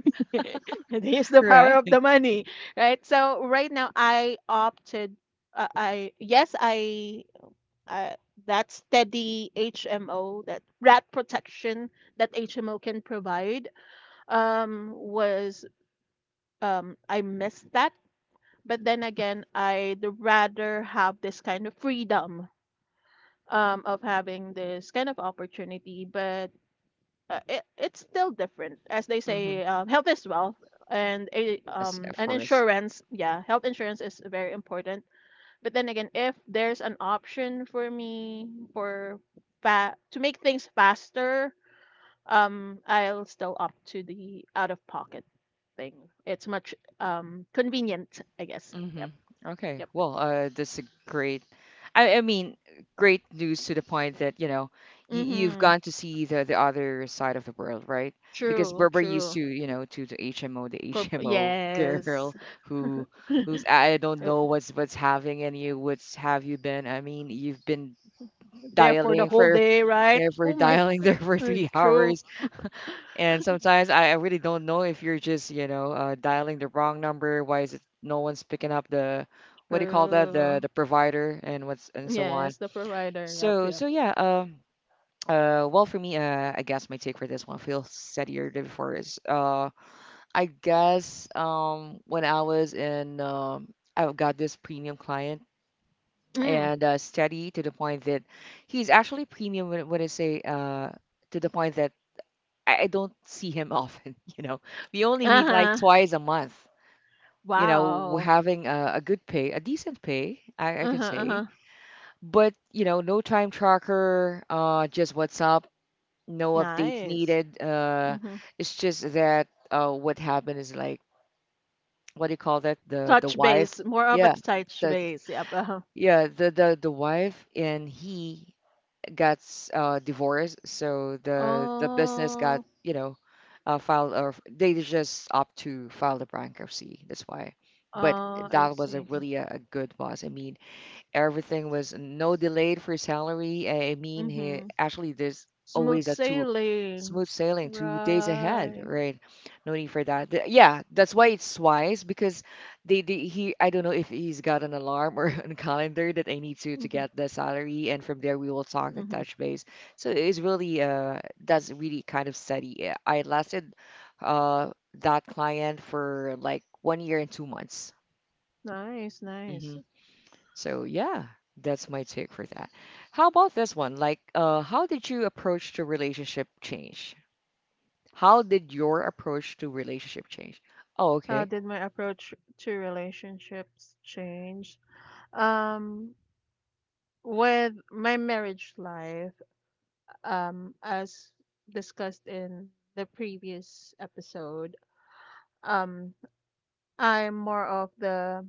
S2: And here's the power
S1: Right.
S2: of the money, right? So right now, I opted. I yes, I uh, that steady HMO, that rat protection that HMO can provide, was I missed that. But
S1: Huh.
S2: then again, I'd rather have this kind of freedom of having this kind of opportunity, but it's still different. As they
S1: Mm-hmm.
S2: say, health is wealth, and
S1: Yes, of
S2: an
S1: course.
S2: insurance, yeah, health insurance is very important. But then again, if there's an option for me for to make things faster, I'll still opt to the out of pocket thing. It's much convenient, I guess.
S1: Hmm.
S2: Yep,
S1: Okay.
S2: yep.
S1: Well, that's a great, I mean, great news to the point that, you've
S2: Mm-hmm.
S1: gone to see the other side of the world, right? Because
S2: True,
S1: we're used
S2: true.
S1: to, to the HMO, the HMO
S2: Yes.
S1: girl who, I don't
S2: Yep.
S1: know what's having and you, what's have you been? I mean, you've been
S2: There for the
S1: dialing
S2: whole
S1: for,
S2: day, right?
S1: you know, for dialing there for three
S2: True,
S1: hours and sometimes I really don't know if you're just dialing the wrong number. Why is it no one's picking up what do you call that? The
S2: true.
S1: the provider and what's and so on.
S2: Yes, the provider. Yep,
S1: So
S2: yep.
S1: so yeah. Well, for me, I guess my take for this one feels steadier than before is, I guess when I was in I've got this premium client
S2: Mm.
S1: and steady to the point that he's actually premium when, I say to the point that I don't see him often. We only meet like
S2: Uh-huh.
S1: twice a month, you know, we're
S2: Wow.
S1: having a good pay, a decent pay, I can
S2: Uh-huh,
S1: say.
S2: uh-huh.
S1: But, no time tracker, just what's up, no updates
S2: Nice.
S1: needed.
S2: Mm-hmm.
S1: It's just that what happened is like, what do you call that? The
S2: Touch
S1: wife,
S2: base, more of a
S1: yeah,
S2: touch
S1: the
S2: base. Yep. Uh-huh.
S1: the wife and he got divorced, so the business got
S2: Oh,
S1: filed or they just opt to file the bankruptcy. That's why. But
S2: uh, I
S1: that was a
S2: see.
S1: really a good boss. I mean, Everything was no delayed for salary. I mean, he,
S2: Mm-hmm.
S1: actually, there's
S2: Smooth
S1: always a two
S2: sailing.
S1: smooth sailing 2 days ahead,
S2: Right.
S1: right? No need for that. Yeah, that's why it's wise because they he I don't know if he's got an alarm or a calendar that I need to
S2: Mm-hmm.
S1: get the salary, and from there we will talk the
S2: Mm-hmm.
S1: touch base. So it's really that's really kind of steady. I lasted uh that client for like 1 year and 2 months.
S2: Nice,
S1: Mm-hmm.
S2: nice.
S1: So yeah, that's my take for that. How about this one? Like, how did you approach to relationship change? How did your approach to relationship change? Oh,
S2: How
S1: okay.
S2: did my approach to relationships change? Um, with my marriage life, as discussed in the previous episode, um, I'm more of the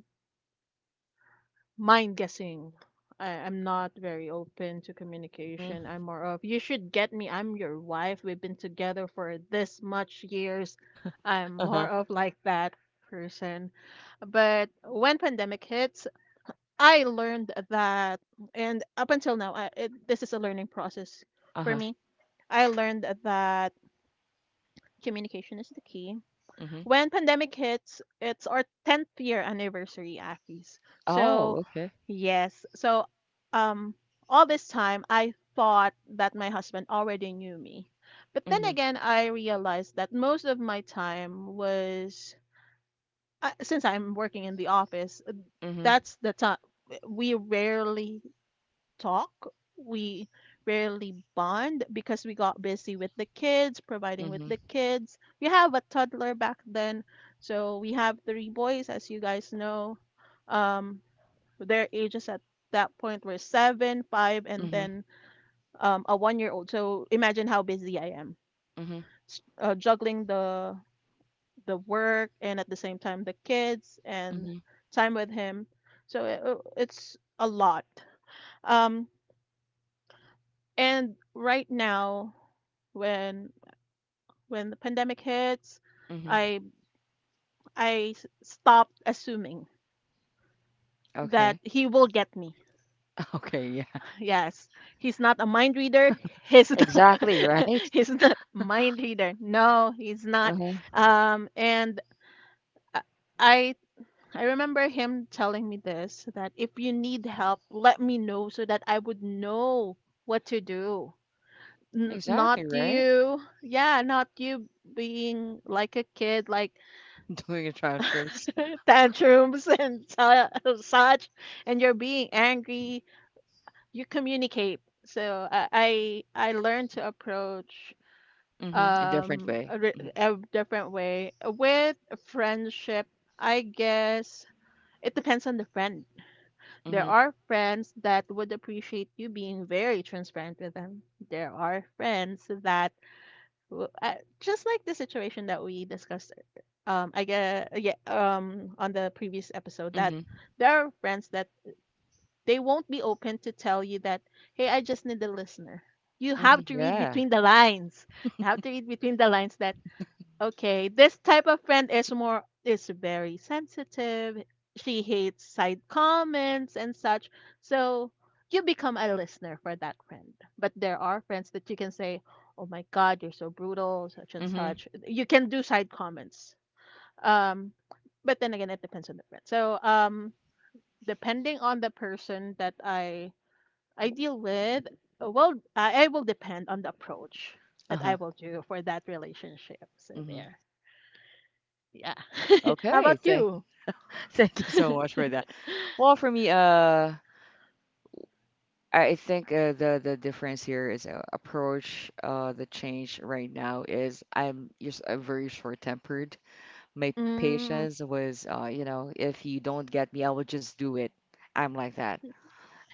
S2: mind guessing. I'm not very open to
S1: Mm-hmm.
S2: communication. I'm more of, you should get me. I'm your wife. We've been together for this much years. I'm more
S1: Uh-huh.
S2: of like that person. But when pandemic hits, I learned that, and up until now, this is a learning process for
S1: Uh-huh.
S2: me, I learned that communication is the key.
S1: Mm-hmm.
S2: When pandemic hits, it's our 10th year anniversary, Akis.
S1: Oh,
S2: So,
S1: okay.
S2: yes. So, um, all this time, I thought that my husband already knew me. But then
S1: Mm-hmm.
S2: again, I realized that most of my time was, since I'm working in the office,
S1: Mm-hmm.
S2: that's the time we rarely talk. We rarely bond because we got busy with the kids, providing with
S1: Mm-hmm.
S2: the kids. We have a toddler back then, so we have 3 boys, as you guys know. Um, their ages at that point were seven, five, and
S1: Mm-hmm.
S2: then um, a one-year-old. So imagine how busy I am,
S1: Mm-hmm.
S2: juggling the work and at the same time the kids and
S1: Mm-hmm.
S2: time with him. So it's a lot. Um, And right now, when when the pandemic hits,
S1: Mm-hmm.
S2: I stopped assuming that
S1: Okay.
S2: he will get me.
S1: Okay, yeah.
S2: Yes, he's not a mind reader. He's not,
S1: Exactly, right?
S2: He's not a mind reader. No, he's not.
S1: Uh-huh.
S2: And I I I remember him telling me this that if you need help, let me know so that I would know what to do. N Not
S1: Exactly, right?
S2: you being like a kid, like
S1: Doing it trying terms.
S2: tantrums and su such, and you're being angry. You communicate. So I learned to approach
S1: Mm-hmm. A different
S2: um
S1: way.
S2: a,
S1: Mm-hmm.
S2: re- a different way with friendship. I guess it depends on the friend. There
S1: Mm-hmm.
S2: are friends that would appreciate you being very transparent with them. There are friends that... Well, just like the situation that we discussed, I guess, yeah, on the previous episode, that
S1: Mm-hmm.
S2: there are friends that they won't be open to tell you that, hey, I just need a listener. You
S1: Mm-hmm.
S2: have to read
S1: Yeah.
S2: between the lines. You have to read between the lines that... Okay, this type of friend is very sensitive. She hates side comments and such. So you become a listener for that friend. But there are friends that you can say, "Oh my God, you're so brutal," such and
S1: Mm-hmm.
S2: such. You can do side comments. Um, but then again, it depends on the friend. So depending on the person that I deal with, well, I will depend on the approach that
S1: Uh-huh.
S2: I will do for that relationship. So
S1: Mm-hmm.
S2: there. Yeah. How
S1: Okay,
S2: about
S1: thank
S2: you?
S1: thank you so much for that. Well, for me, I think the difference here is approach. The change right now is I'm just very short-tempered. My
S2: Mm.
S1: patience was, if you don't get me, I will just do it. I'm like that.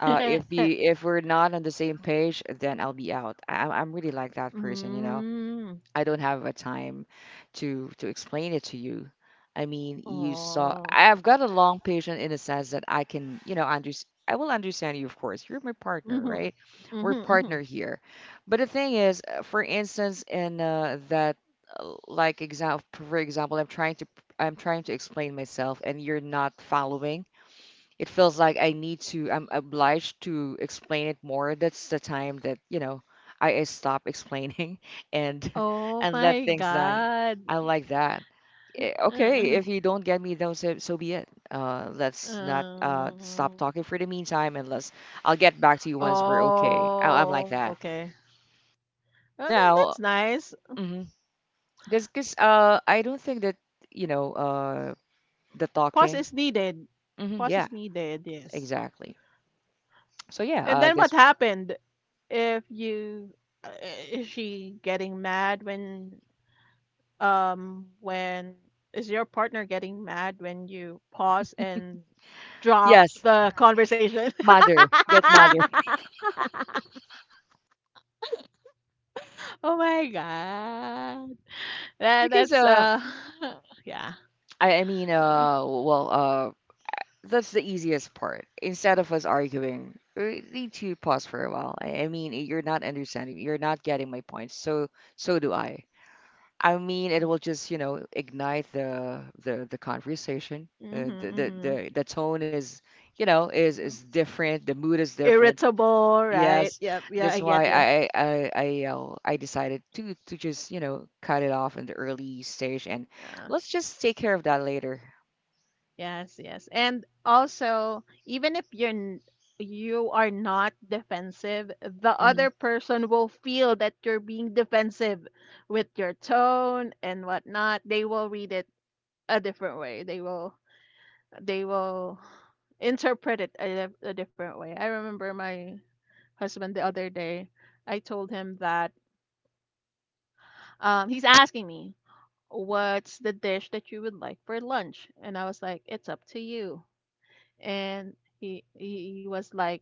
S1: Uh, if you if we're not on the same page, then I'll be out. I'm really like that person.
S2: Mm.
S1: I don't have a time to explain it to you. I mean, you saw
S2: Oh.
S1: I've got a long patience in a sense that I can, you know, under I will understand you, of course. You're my partner,
S2: Mhm.
S1: right? We're
S2: Mhm, mhm.
S1: partner here. But the thing is, for instance, in that, like example, for example, I'm trying to explain myself, and you're not following. It feels like I'm obliged to explain it more. That's the time that, I stop explaining and
S2: Oh
S1: and let
S2: my
S1: things done.
S2: God.
S1: I like that. Okay,
S2: Uh-uh.
S1: if you don't get me, then so be it. Let's not stop
S2: Um.
S1: talking for the meantime, unless I'll get back to you once we're okay. I'm like
S2: Oh,
S1: that.
S2: okay.
S1: But now,
S2: That's nice.
S1: because I don't think that you know uh, the
S2: Pause
S1: talking.
S2: is needed.
S1: Hmm,
S2: Pause
S1: yeah,
S2: is needed, yes.
S1: exactly. So yeah,
S2: And then what
S1: this
S2: happened? If you, uh, is she getting mad when when is your partner getting mad when you pause and drop
S1: yes,
S2: the conversation.
S1: Mother, get mother.
S2: oh my god, that
S1: Because
S2: that's
S1: uh
S2: uh yeah.
S1: I mean well that's the easiest part. Instead of us arguing, we need to pause for a while. I mean you're not understanding, you're not getting my point. So do I. I mean it will just, ignite the conversation. Uh,
S2: Mm-hmm,
S1: the, the
S2: mm-hmm.
S1: the the tone is is different. The mood is different.
S2: Irritable, right?
S1: Yes,
S2: Yep, yeah,
S1: that's
S2: I
S1: why
S2: get you.
S1: I decided to just cut it off in the early stage and
S2: Yeah.
S1: let's just take care of that later.
S2: Yes, yes. And also, even if you're you are not defensive, the other
S1: Mhm,
S2: person will feel that you're being defensive with your tone and whatnot. They will read it a different way. They will interpret it a different way. I remember my husband the other day, I told him that, he's asking me, what's the dish that you would like for lunch? And I was like, it's up to you. And he was like,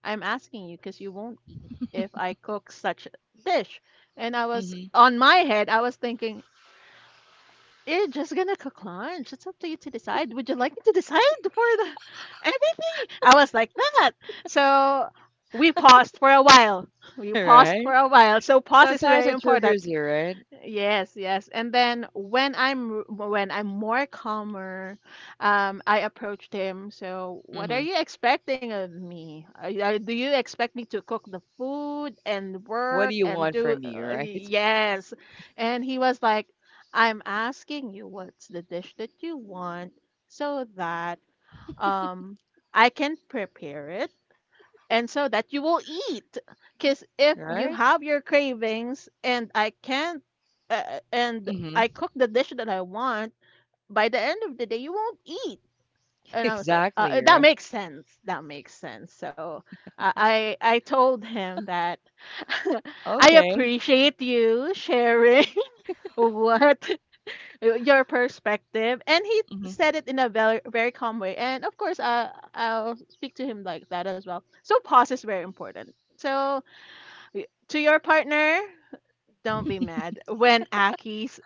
S2: I'm
S1: mhm,
S2: asking you because you won't eat if I cook such a dish. And I was
S1: mhm.
S2: on my head, I was thinking, you're just gonna cook lunch, it's up to you to decide. Would you like me to decide for the everything? I was like that. So we paused for a while. We paused
S1: Right?
S2: for a while, so pause is
S1: Sometimes
S2: very
S1: it
S2: important.
S1: triggers you, right?
S2: Yes, yes. And then when I'm more calmer, I approached him. So, what are
S1: Mhm.
S2: you expecting of me? Do you expect me to cook the food and
S1: What do
S2: work
S1: you
S2: and
S1: want
S2: do?
S1: from me, right?
S2: Yes. And he was like, "I'm asking you what's the dish that you want so that um I can prepare it and so that you will eat, because if you
S1: Right?
S2: have your cravings and I can't and I
S1: Mhm.
S2: cook the dish that I want, by the end of the day you won't eat." And I was like,
S1: Exactly,
S2: that
S1: right?
S2: makes sense, that makes sense. So I told him that I
S1: Okay.
S2: appreciate you sharing what your perspective, and he
S1: Mhm.
S2: said it in a very very calm way, and of course, I'll speak to him like that as well. So pause is very important. So to your partner, don't be mad when Aki's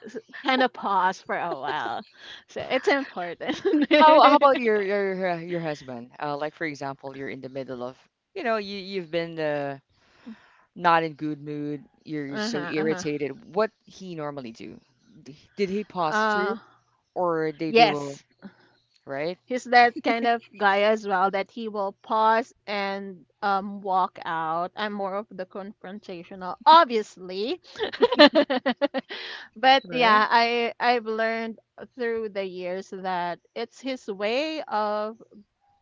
S2: kind of pause for a while. So it's important.
S1: How about your your husband? Like for example, you're in the middle of, you've been not in good mood, you're so
S2: uh-huh, uh-huh.
S1: irritated, what he normally do? Did he posture,
S2: Uh,
S1: or they will,
S2: yes.
S1: right?
S2: He's that kind of guy as well, that he will pause and walk out. I'm more of the confrontational, obviously. but
S1: Right?
S2: yeah, I I've learned through the years that it's his way of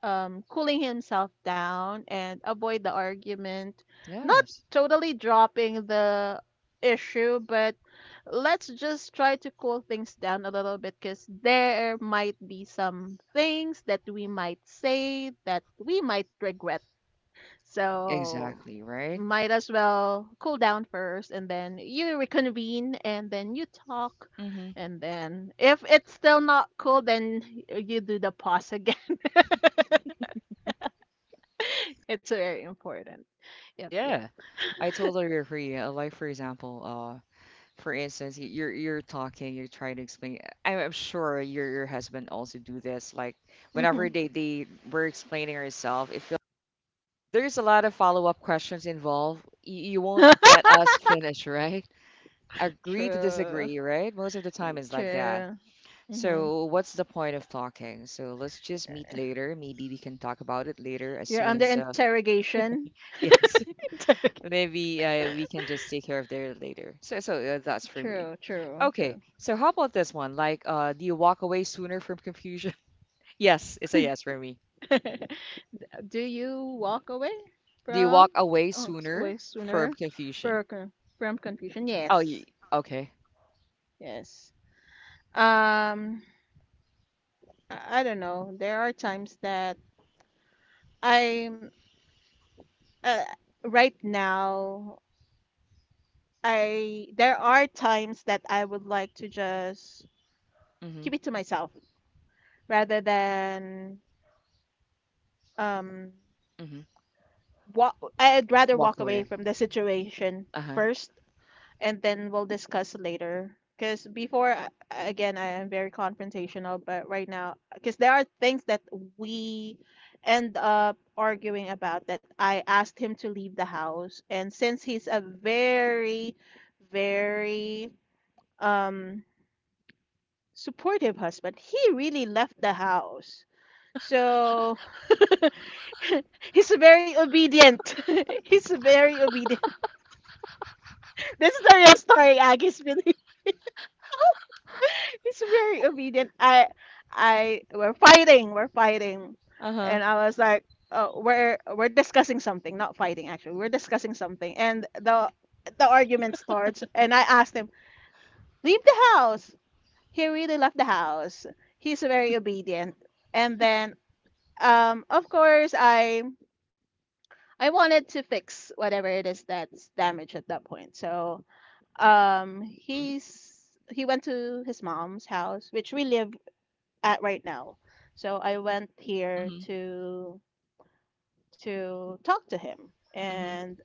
S2: cooling himself down and avoid the argument. Not
S1: Yes.
S2: totally dropping the issue, but let's just try to cool things down a little bit because there might be some things that we might say that we might regret. So
S1: Exactly, right?
S2: might as well cool down first, and then you reconvene and then you talk,
S1: Hmm.
S2: and then if it's still not cool, then you do the pause again. It's very important. Yep, yep.
S1: Yeah. I totally agree. Like for example, for instance, you're talking, you're trying to explain. I'm sure your husband also do this. Like whenever
S2: Mhm.
S1: they were explaining herself, it feels there's a lot of follow-up questions involved. You won't let us finish, right? Agree to
S2: True.
S1: disagree, right? Most of the time it's like that.
S2: True. Hmm.
S1: So, what's the point of talking? So, let's just meet later. Maybe we can talk about it later as
S2: You're
S1: soon
S2: under
S1: as,
S2: interrogation.
S1: yes,
S2: Interrogation.
S1: maybe we can just take care of there later. So, that's for me.
S2: True, true,
S1: Okay,
S2: true.
S1: so how about this one? Like, do you walk away sooner from confusion? Yes, it's a yes for me.
S2: Do you walk away
S1: Do you
S2: from...
S1: walk away
S2: Oh, way
S1: sooner from
S2: sooner
S1: confusion?
S2: for con- from confusion?
S1: Oh,
S2: Yes,
S1: you, okay.
S2: yes. Um, I don't know. There are times that I'm uh, right now... I there are times that I would like to just
S1: Mm-hmm,
S2: keep it to myself rather than um
S1: mm-hmm.
S2: walk... I'd rather
S1: Walk
S2: walk away
S1: away.
S2: from the situation
S1: Uh-huh.
S2: first and then we'll discuss later, because before again, I am very confrontational, but right now, because there are things that we end up arguing about, that I asked him to leave the house, and since he's a very very um supportive husband, he really left the house. So... He's very obedient. He's very obedient. This is the real story, Agis. He's very obedient. We're fighting. We're fighting,
S1: Uh-huh.
S2: and I was like, "Oh, we're discussing something, not fighting." Actually, we're discussing something, and the argument starts. And I asked him, leave the house. He really left the house. He's very obedient. And then, of course, I wanted to fix whatever it is that's damaged at that point. So...
S1: Mm-hmm.
S2: he went to his mom's house, which we live at right now. So I went here
S1: Mm-hmm.
S2: to talk to him
S1: Mm-hmm.
S2: and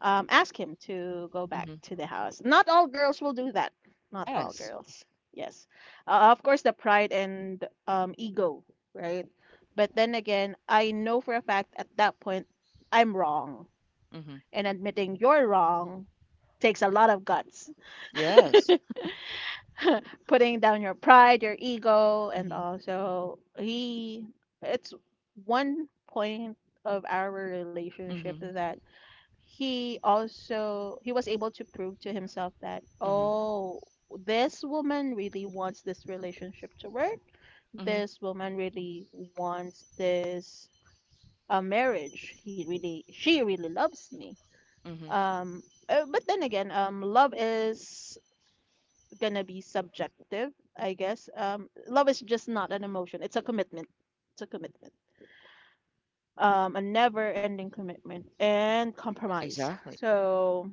S2: ask him to go back
S1: Mm-hmm.
S2: to the house. Not all girls will do that. Not all
S1: Yes.
S2: girls. Yes, of course, the pride and ego, right? But then again, I know for a fact at that point I'm wrong,
S1: Hmm.
S2: and admitting you're wrong takes a lot of guts.
S1: Yes.
S2: putting down your pride, your ego, and
S1: Hmm.
S2: also he... it's one point of our relationship
S1: Hmm.
S2: that he also... he was able to prove to himself that,
S1: Hmm.
S2: oh, this woman really wants this relationship to work,
S1: Hmm.
S2: this woman really wants this, a marriage, he really... she really loves me.
S1: Hmm.
S2: um but then again, love is gonna be subjective, I guess.
S1: Hmm.
S2: Love is just not an emotion. It's a commitment. It's a commitment. A never-ending commitment and compromise.
S1: Exactly.
S2: So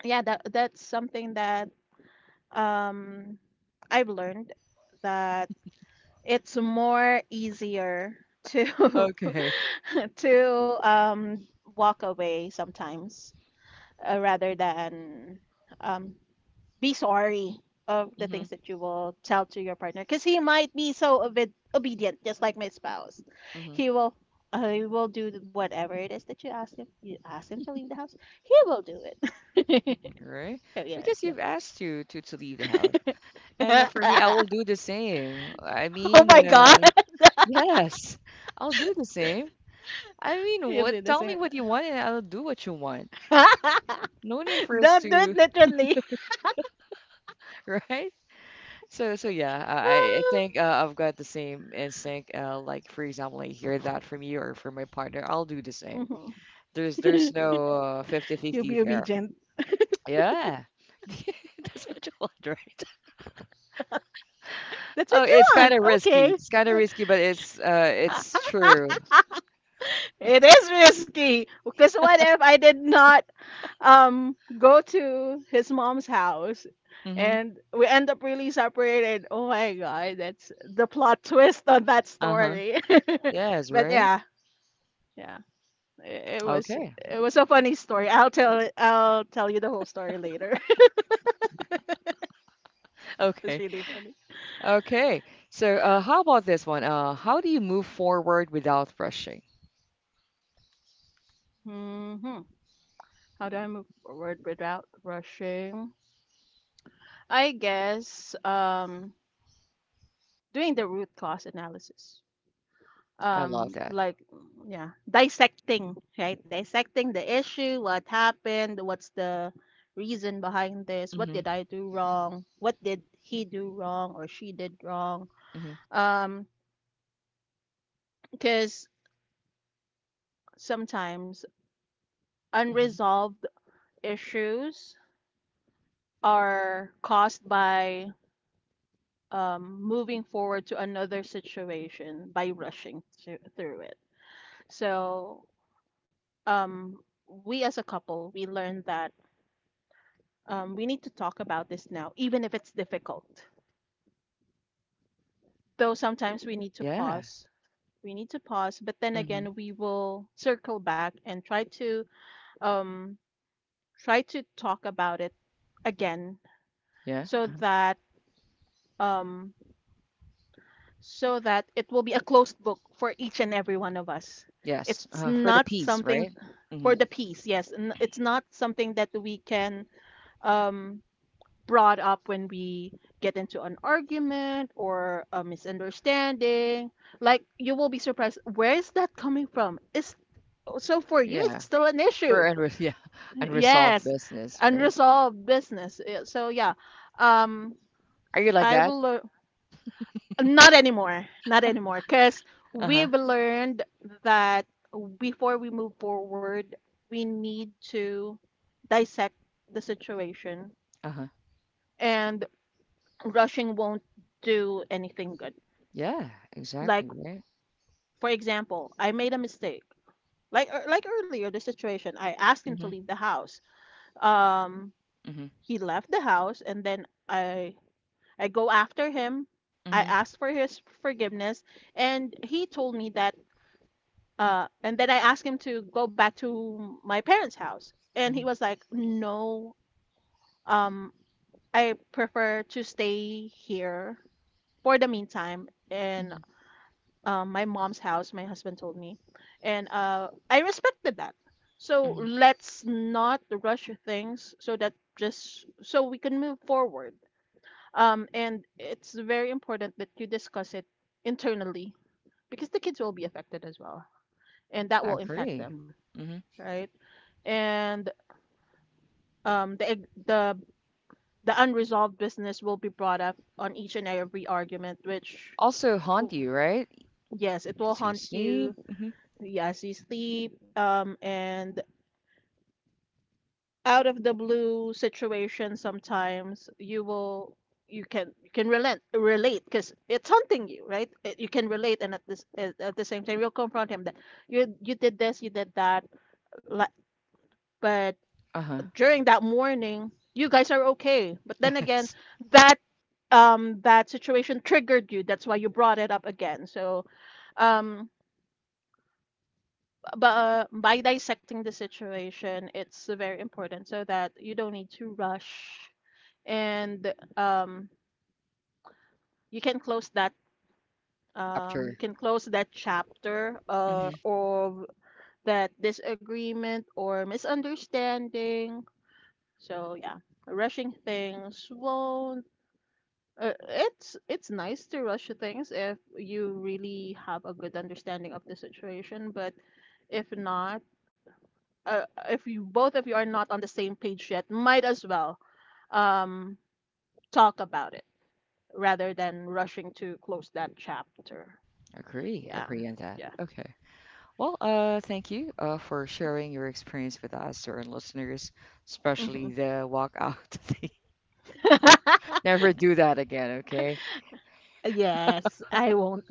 S2: yeah, that that's something that um I've learned, that it's more easier to
S1: Okay.
S2: to walk away sometimes, rather than um, be sorry of the
S1: Hmm.
S2: things that you will tell to your partner, because he might be so obedient just like my spouse.
S1: Hmm.
S2: He will he will do whatever it is that you ask him. You ask him to leave the house, he will do it.
S1: Hmm. Right?
S2: oh yeah,
S1: Because
S2: yep.
S1: you've asked you to leave the house. And for me, I will do the same. I
S2: oh
S1: mean,
S2: my god.
S1: yes, I'll do the same. I mean,
S2: you
S1: what?
S2: do the
S1: Tell me
S2: same.
S1: what you want, and I'll do what you want. No need for us
S2: don't do it
S1: to,
S2: literally.
S1: right? Yeah, I think I've got the same instinct. Like for example, I hear that from you or from my partner, I'll do the same.
S2: Mhm.
S1: There's no 50
S2: you'll
S1: fifty
S2: be
S1: there.
S2: obedient.
S1: Yeah. That's what you want, right?
S2: That's
S1: Oh,
S2: what you
S1: it's kind
S2: want,
S1: of risky.
S2: okay.
S1: It's kind of risky, but it's true.
S2: It is risky, because what if I did not go to his mom's house
S1: Mm-hmm.
S2: and we end up really separated? Oh my god, that's the plot twist on that
S1: Uh-huh.
S2: story.
S1: Yes,
S2: But
S1: right?
S2: yeah, yeah. It was
S1: Okay.
S2: it was a funny story. I'll tell you the whole story later. It's
S1: Okay.
S2: really funny.
S1: Okay. So, how about this one? How do you move forward without rushing?
S2: Hmm. How do I move forward without rushing? I guess doing the root cause analysis.
S1: I love
S2: Um,
S1: that.
S2: like, mm, yeah, dissecting, right? Dissecting the issue, what happened, what's the reason behind this, what did
S1: Mm-hmm.
S2: I do wrong, what did he do wrong or she did wrong.
S1: Mm-hmm.
S2: Um, because sometimes
S1: Mm-hmm.
S2: unresolved issues are caused by moving forward to another situation by rushing through it. So um we as a couple, we learned that we need to talk about this now, even if it's difficult. Though sometimes we need to
S1: Yeah.
S2: pause. We need to pause, but then
S1: Mm-hmm.
S2: again, we will circle back and try to um, try to talk about it again,
S1: Yeah.
S2: so
S1: Uh-huh.
S2: that um, so that it will be a closed book for each and every one of us.
S1: Yes.
S2: It's
S1: For the
S2: not
S1: peace,
S2: something
S1: right?
S2: for
S1: Mm-hmm.
S2: the piece, yes, it's not something that we can um, brought up when we get into an argument or a misunderstanding. Like, you will be surprised, where is that coming from? It's... so for you, it's
S1: Yeah.
S2: still an issue.
S1: For unre yeah, unresolved
S2: Yes,
S1: business, right?
S2: unresolved business. Yeah, so yeah, um,
S1: Are you like
S2: I
S1: that?
S2: will learn. Not anymore, not anymore, because
S1: Uh-huh.
S2: we've learned that before we move forward, we need to dissect the situation,
S1: Uh-huh.
S2: and rushing won't do anything good.
S1: Yeah,
S2: Like,
S1: exactly, right?
S2: for example, I made a mistake. Like like earlier, the situation, I asked him to
S1: Mhm.
S2: leave the house. Um,
S1: Mhm.
S2: he left the house, and then I go after him. I
S1: Mhm.
S2: asked for his forgiveness, and he told me that. And then I asked him to go back to my parents' house, and he
S1: Mhm.
S2: was like, "No, um, I prefer to stay here for the meantime," and
S1: Mhm.
S2: my mom's house, my husband told me. And I respected that. So
S1: Mhm.
S2: let's not rush things, so that just so we can move forward. And it's very important that you discuss it internally, because the kids will be affected as well, and
S1: Yeah,
S2: that
S1: I
S2: will impact
S1: agree.
S2: them,
S1: Mhm.
S2: right? And the ig- the unresolved business will be brought up on each and every argument,
S1: Also haunt
S2: w-
S1: you, right?
S2: yes, it will
S1: To
S2: haunt
S1: sleep.
S2: you.
S1: Mhm.
S2: Yes, you sleep, and out of the blue situation, sometimes you will you can relent relate because it's hunting you, right? You can relate, and at the same time, you'll confront him that you did this, you did that, like, but
S1: Uh-huh.
S2: during that morning, you guys are okay. But then again,
S1: Yes.
S2: that that situation triggered you. That's why you brought it up again. So, um. but by dissecting the situation, it's very important so that you don't need to rush, and you can close that you
S1: Chapter.
S2: can close that chapter
S1: Hmm.
S2: of that disagreement or misunderstanding. So yeah, rushing things won't. It's nice to rush things if you really have a good understanding of the situation, but if not uh, if you both of you are not on the same page yet, might as well um, talk about it rather than rushing to close that chapter.
S1: Agree.
S2: Yeah,
S1: Agree on that.
S2: yeah.
S1: Okay. Well, thank you for sharing your experience with us, our listeners,
S2: Hmm.
S1: especially the walk out, thing. Never do that again, okay?
S2: Yes, I won't.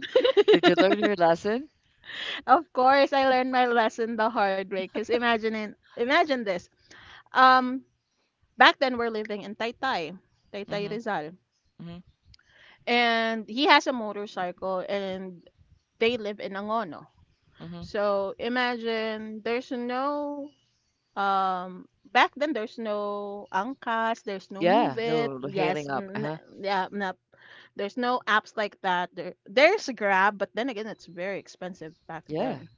S1: Did you learn your lesson?
S2: Of course, I learned my lesson the hard way. Cause imagine this. Um, Back then we're living in Taytay,
S1: Mm-hmm,
S2: Taytay Rizal,
S1: mm-hmm,
S2: and he has a motorcycle, and they live in Angono.
S1: mm-hmm.
S2: So imagine there's no um back then there's no Angkas, there's no Move
S1: Yeah,
S2: It.
S1: no, hailing up. Uh-huh.
S2: Yeah, no, there's no apps like that. There's Grab, but then again it's very expensive back
S1: Yeah.
S2: then.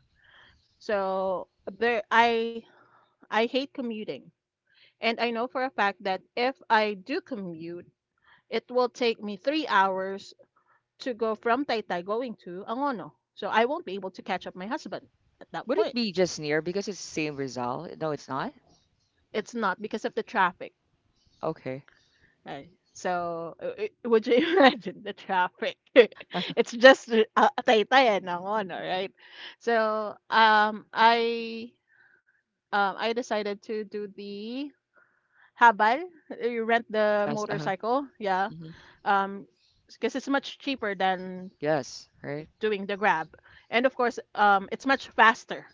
S2: So there I hate commuting. And I know for a fact that if I do commute, it will take me 3 hours to go from Taytay going to Angono. So I won't be able to catch up my husband at that
S1: Would it
S2: point.
S1: be just near because it's same Rizal? No, it's not?
S2: It's not because of the traffic.
S1: Okay.
S2: Right. So, would you imagine the traffic? It's just a taytayan ng ono, right? So I decided to do the habal. You rent the
S1: Yes. Uh-huh.
S2: motorcycle, yeah.
S1: Hmm.
S2: Um, because it's much cheaper than
S1: Yes. Right.
S2: doing the grab, and of course, it's much faster.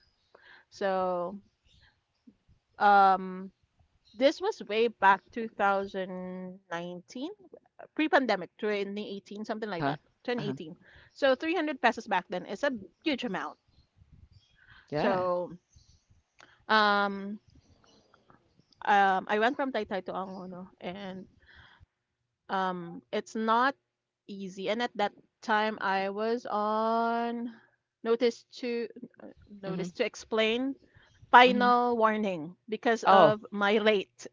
S2: So, um, this was way back 2019, pre-pandemic, 2018, something like
S1: Uh-huh.
S2: that.
S1: Uh-huh.
S2: 2018. So 300 pesos back then is a huge amount.
S1: Yeah.
S2: So um, I went from Taytay to Angono, and it's not easy. And at that time, I was on notice to uh, notice
S1: Hmm.
S2: to explain
S1: Hmm.
S2: final warning because
S1: Oh.
S2: of my late.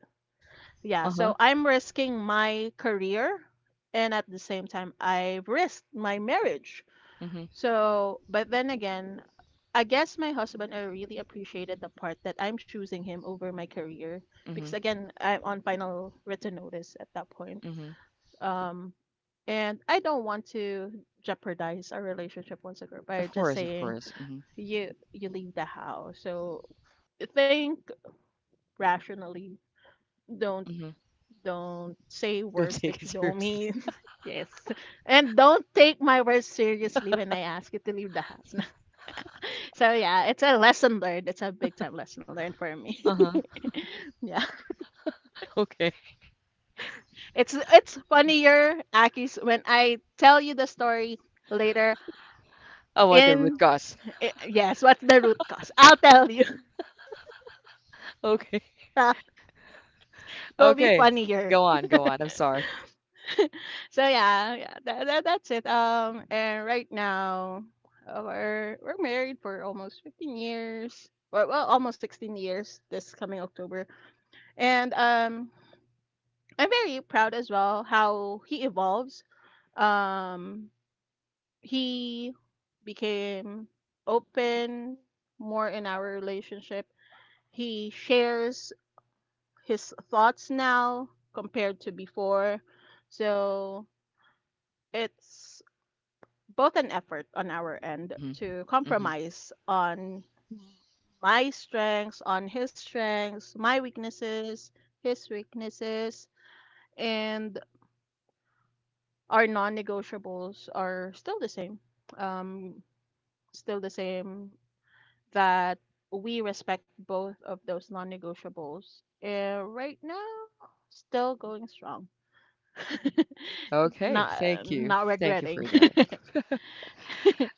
S2: Yeah, so
S1: Uh-huh.
S2: I'm risking my career and at the same time I've risked my marriage.
S1: Hmm.
S2: So, but then again, I guess my husband I really appreciated the part that I'm choosing him over my career because
S1: Hmm.
S2: again, I'm on final written notice at that point.
S1: Hmm.
S2: Um, and I don't want to jeopardize our relationship once again
S1: Of
S2: by just
S1: course. Of
S2: saying
S1: course. Hmm.
S2: you leave the house. So think rationally. Don't
S1: Hmm.
S2: Don't say
S1: Don't
S2: words
S1: take
S2: that
S1: it
S2: you don't
S1: seriously.
S2: mean. Yes. And don't take my words seriously when I ask you to leave the house. So yeah, it's a lesson learned. It's a big time lesson learned for me.
S1: Uh-huh.
S2: Yeah.
S1: Okay.
S2: It's funnier, Akis, when I tell you the story later
S1: Oh, well, the root
S2: in
S1: cause.
S2: yes, what's the root cause? I'll tell you.
S1: Okay.
S2: It'll be
S1: Okay.
S2: funnier.
S1: Go on. Go on. I'm sorry.
S2: So yeah, yeah that's it. And right now, we're married for almost 15 years. Well, almost 16 years this coming October. And I'm very proud as well how he evolves. Um, he became open more in our relationship. He shares his thoughts now compared to before. So it's both an effort on our end
S1: Hmm.
S2: to
S1: Hmm.
S2: compromise on my strengths, on his strengths, my weaknesses, his weaknesses, and our non-negotiables are still the same. Um, still the same that We respect both of those non-negotiables. And right now, still going strong.
S1: Okay.
S2: not
S1: Thank you.
S2: not
S1: Thank you
S2: regretting.
S1: for that.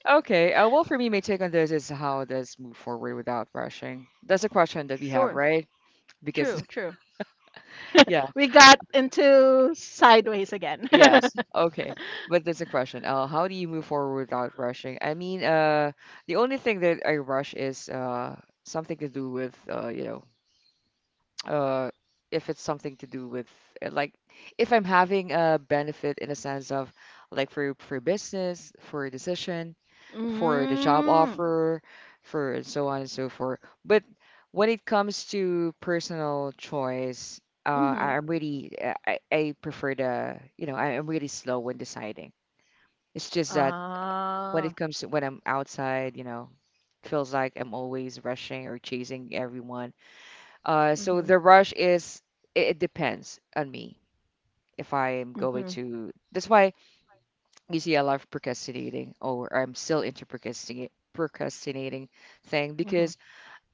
S1: Okay. Well, for me, my take on this is how does move forward without rushing? That's a question that we have,
S2: Sure.
S1: right?
S2: True,
S1: Because
S2: true.
S1: yeah,
S2: We got into sideways again.
S1: yes, okay. But that's a question. How do you move forward without rushing? I mean, the only thing that I rush is something to do with uh, if it's something to do with like if I'm having a benefit in a sense of like for business, for a decision, for the job
S2: Mm.
S1: offer, for and so on and so forth. But when it comes to personal choice,
S2: Mhm.
S1: I prefer the I'm really slow when deciding. It's just that when
S2: Ah.
S1: it comes to when I'm outside, feels like I'm always rushing or chasing everyone, so
S2: Mhm.
S1: the rush is it depends on me if I am going
S2: Mhm.
S1: to. That's why you see I love procrastinating, or I'm still into procrastinate procrastinating thing
S2: Mhm.
S1: because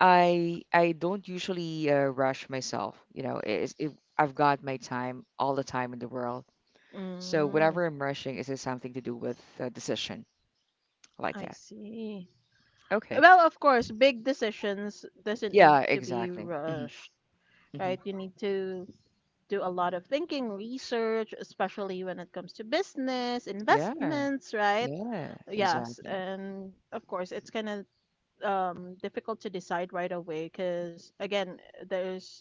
S1: I don't usually rush myself. You know, I've got my time all the time in the world. So
S2: Mm.
S1: whenever I'm rushing, is it something to do with a decision like
S2: I
S1: that?
S2: see.
S1: Okay.
S2: Well, of course, big decisions doesn't need
S1: Yeah,
S2: to be
S1: exactly. Hmm.
S2: rushed,
S1: Hmm.
S2: right? You need to do a lot of thinking, research, especially when it comes to business,
S1: Yeah.
S2: investments, right?
S1: Yeah,
S2: Yes,
S1: exactly.
S2: and of course, it's kind of difficult to decide right away because, again, there's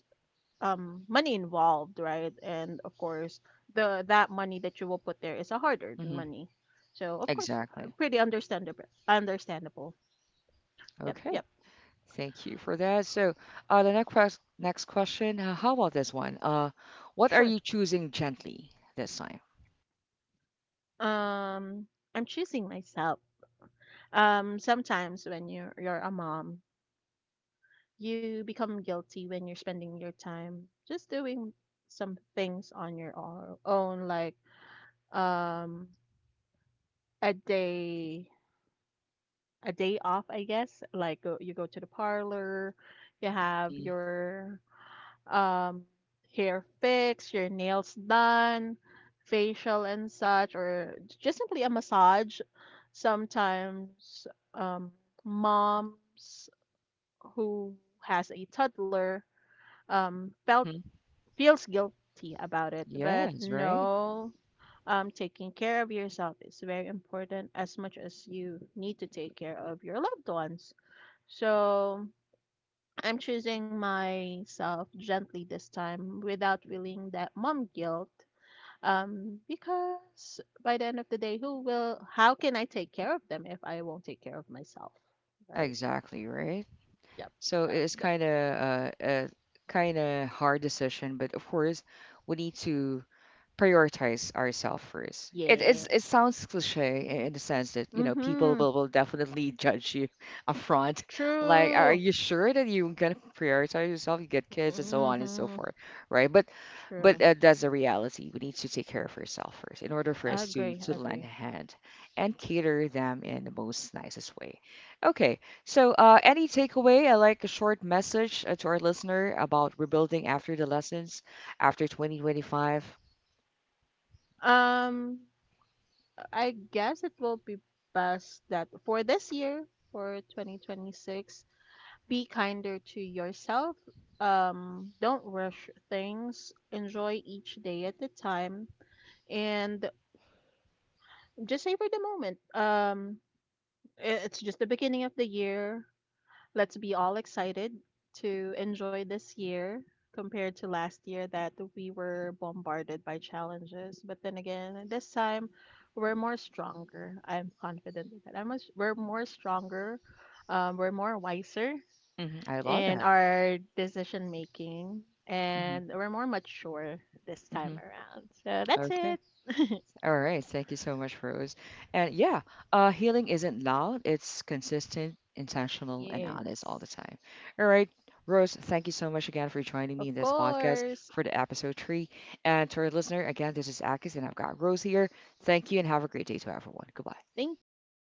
S2: money involved, right? And of course, the that money that you will put there is a hard-earned
S1: Hmm.
S2: money. So of course,
S1: Exactly.
S2: pretty understandable. Understandable. Yep,
S1: Okay.
S2: yep,
S1: Thank you for that. So, the next question. How about this one? What are
S2: sure.
S1: you choosing gently this time?
S2: Um, I'm choosing myself. Sometimes when you're a mom, you become guilty when you're spending your time just doing some things on your own, like um a day off, I guess. Like you go to the parlor, you have
S1: Hmm.
S2: your um hair fixed, your nails done, facial and such, or just simply a massage. Sometimes um moms who has a toddler felt
S1: Hmm.
S2: feels guilty about it, but
S1: Yes, right.
S2: no. Taking care of yourself is very important as much as you need to take care of your loved ones. So I'm choosing myself gently this time without feeling that mom guilt. Because by the end of the day, how can I take care of them if I won't take care of myself? Right?
S1: Exactly, right.
S2: Yep.
S1: So
S2: Um,
S1: it's
S2: th-
S1: kind of a kind of hard decision, but of course, we need to prioritize ourselves first. It
S2: yes.
S1: sounds cliche in the sense that you know people
S2: Mm-hmm.
S1: will definitely judge you upfront. Like, are
S2: True.
S1: you sure that you're gonna prioritize yourself? You get kids and so on and so
S2: Mm-hmm.
S1: forth, right? But
S2: True.
S1: but uh, that's a reality. We need to take care of ourselves first in order for
S2: I
S1: us to
S2: agree. I
S1: to lend
S2: agree.
S1: a hand and cater them in the most nicest way. Okay, so any takeaway? I like a short message to our listener about rebuilding after the lessons after 2025.
S2: Um, I guess it will be best that for this year, for 2026, be kinder to yourself. Don't rush things. Enjoy each day at a time and just savor the moment. It's just the beginning of the year. Let's be all excited to enjoy this year compared to last year that we were bombarded by challenges. But then again, this time we're more stronger. I'm confident that. We're more stronger. We're more wiser
S1: Hmm. I love
S2: in
S1: that.
S2: our decision making
S1: Hmm.
S2: and we're more mature this time
S1: Hmm.
S2: around. So that's
S1: Okay.
S2: it.
S1: All right. Thank you so much, Rose. And yeah, healing isn't loud, it's consistent, intentional, and honest all
S2: Yes.
S1: the time. All right. Rose, thank you so much again for joining
S2: Of
S1: me in this podcast
S2: course.
S1: for the episode three. And to our listener, again, this is Akis, and I've got Rose here. Thank you, and have a great day to everyone. Goodbye.
S2: Thank you.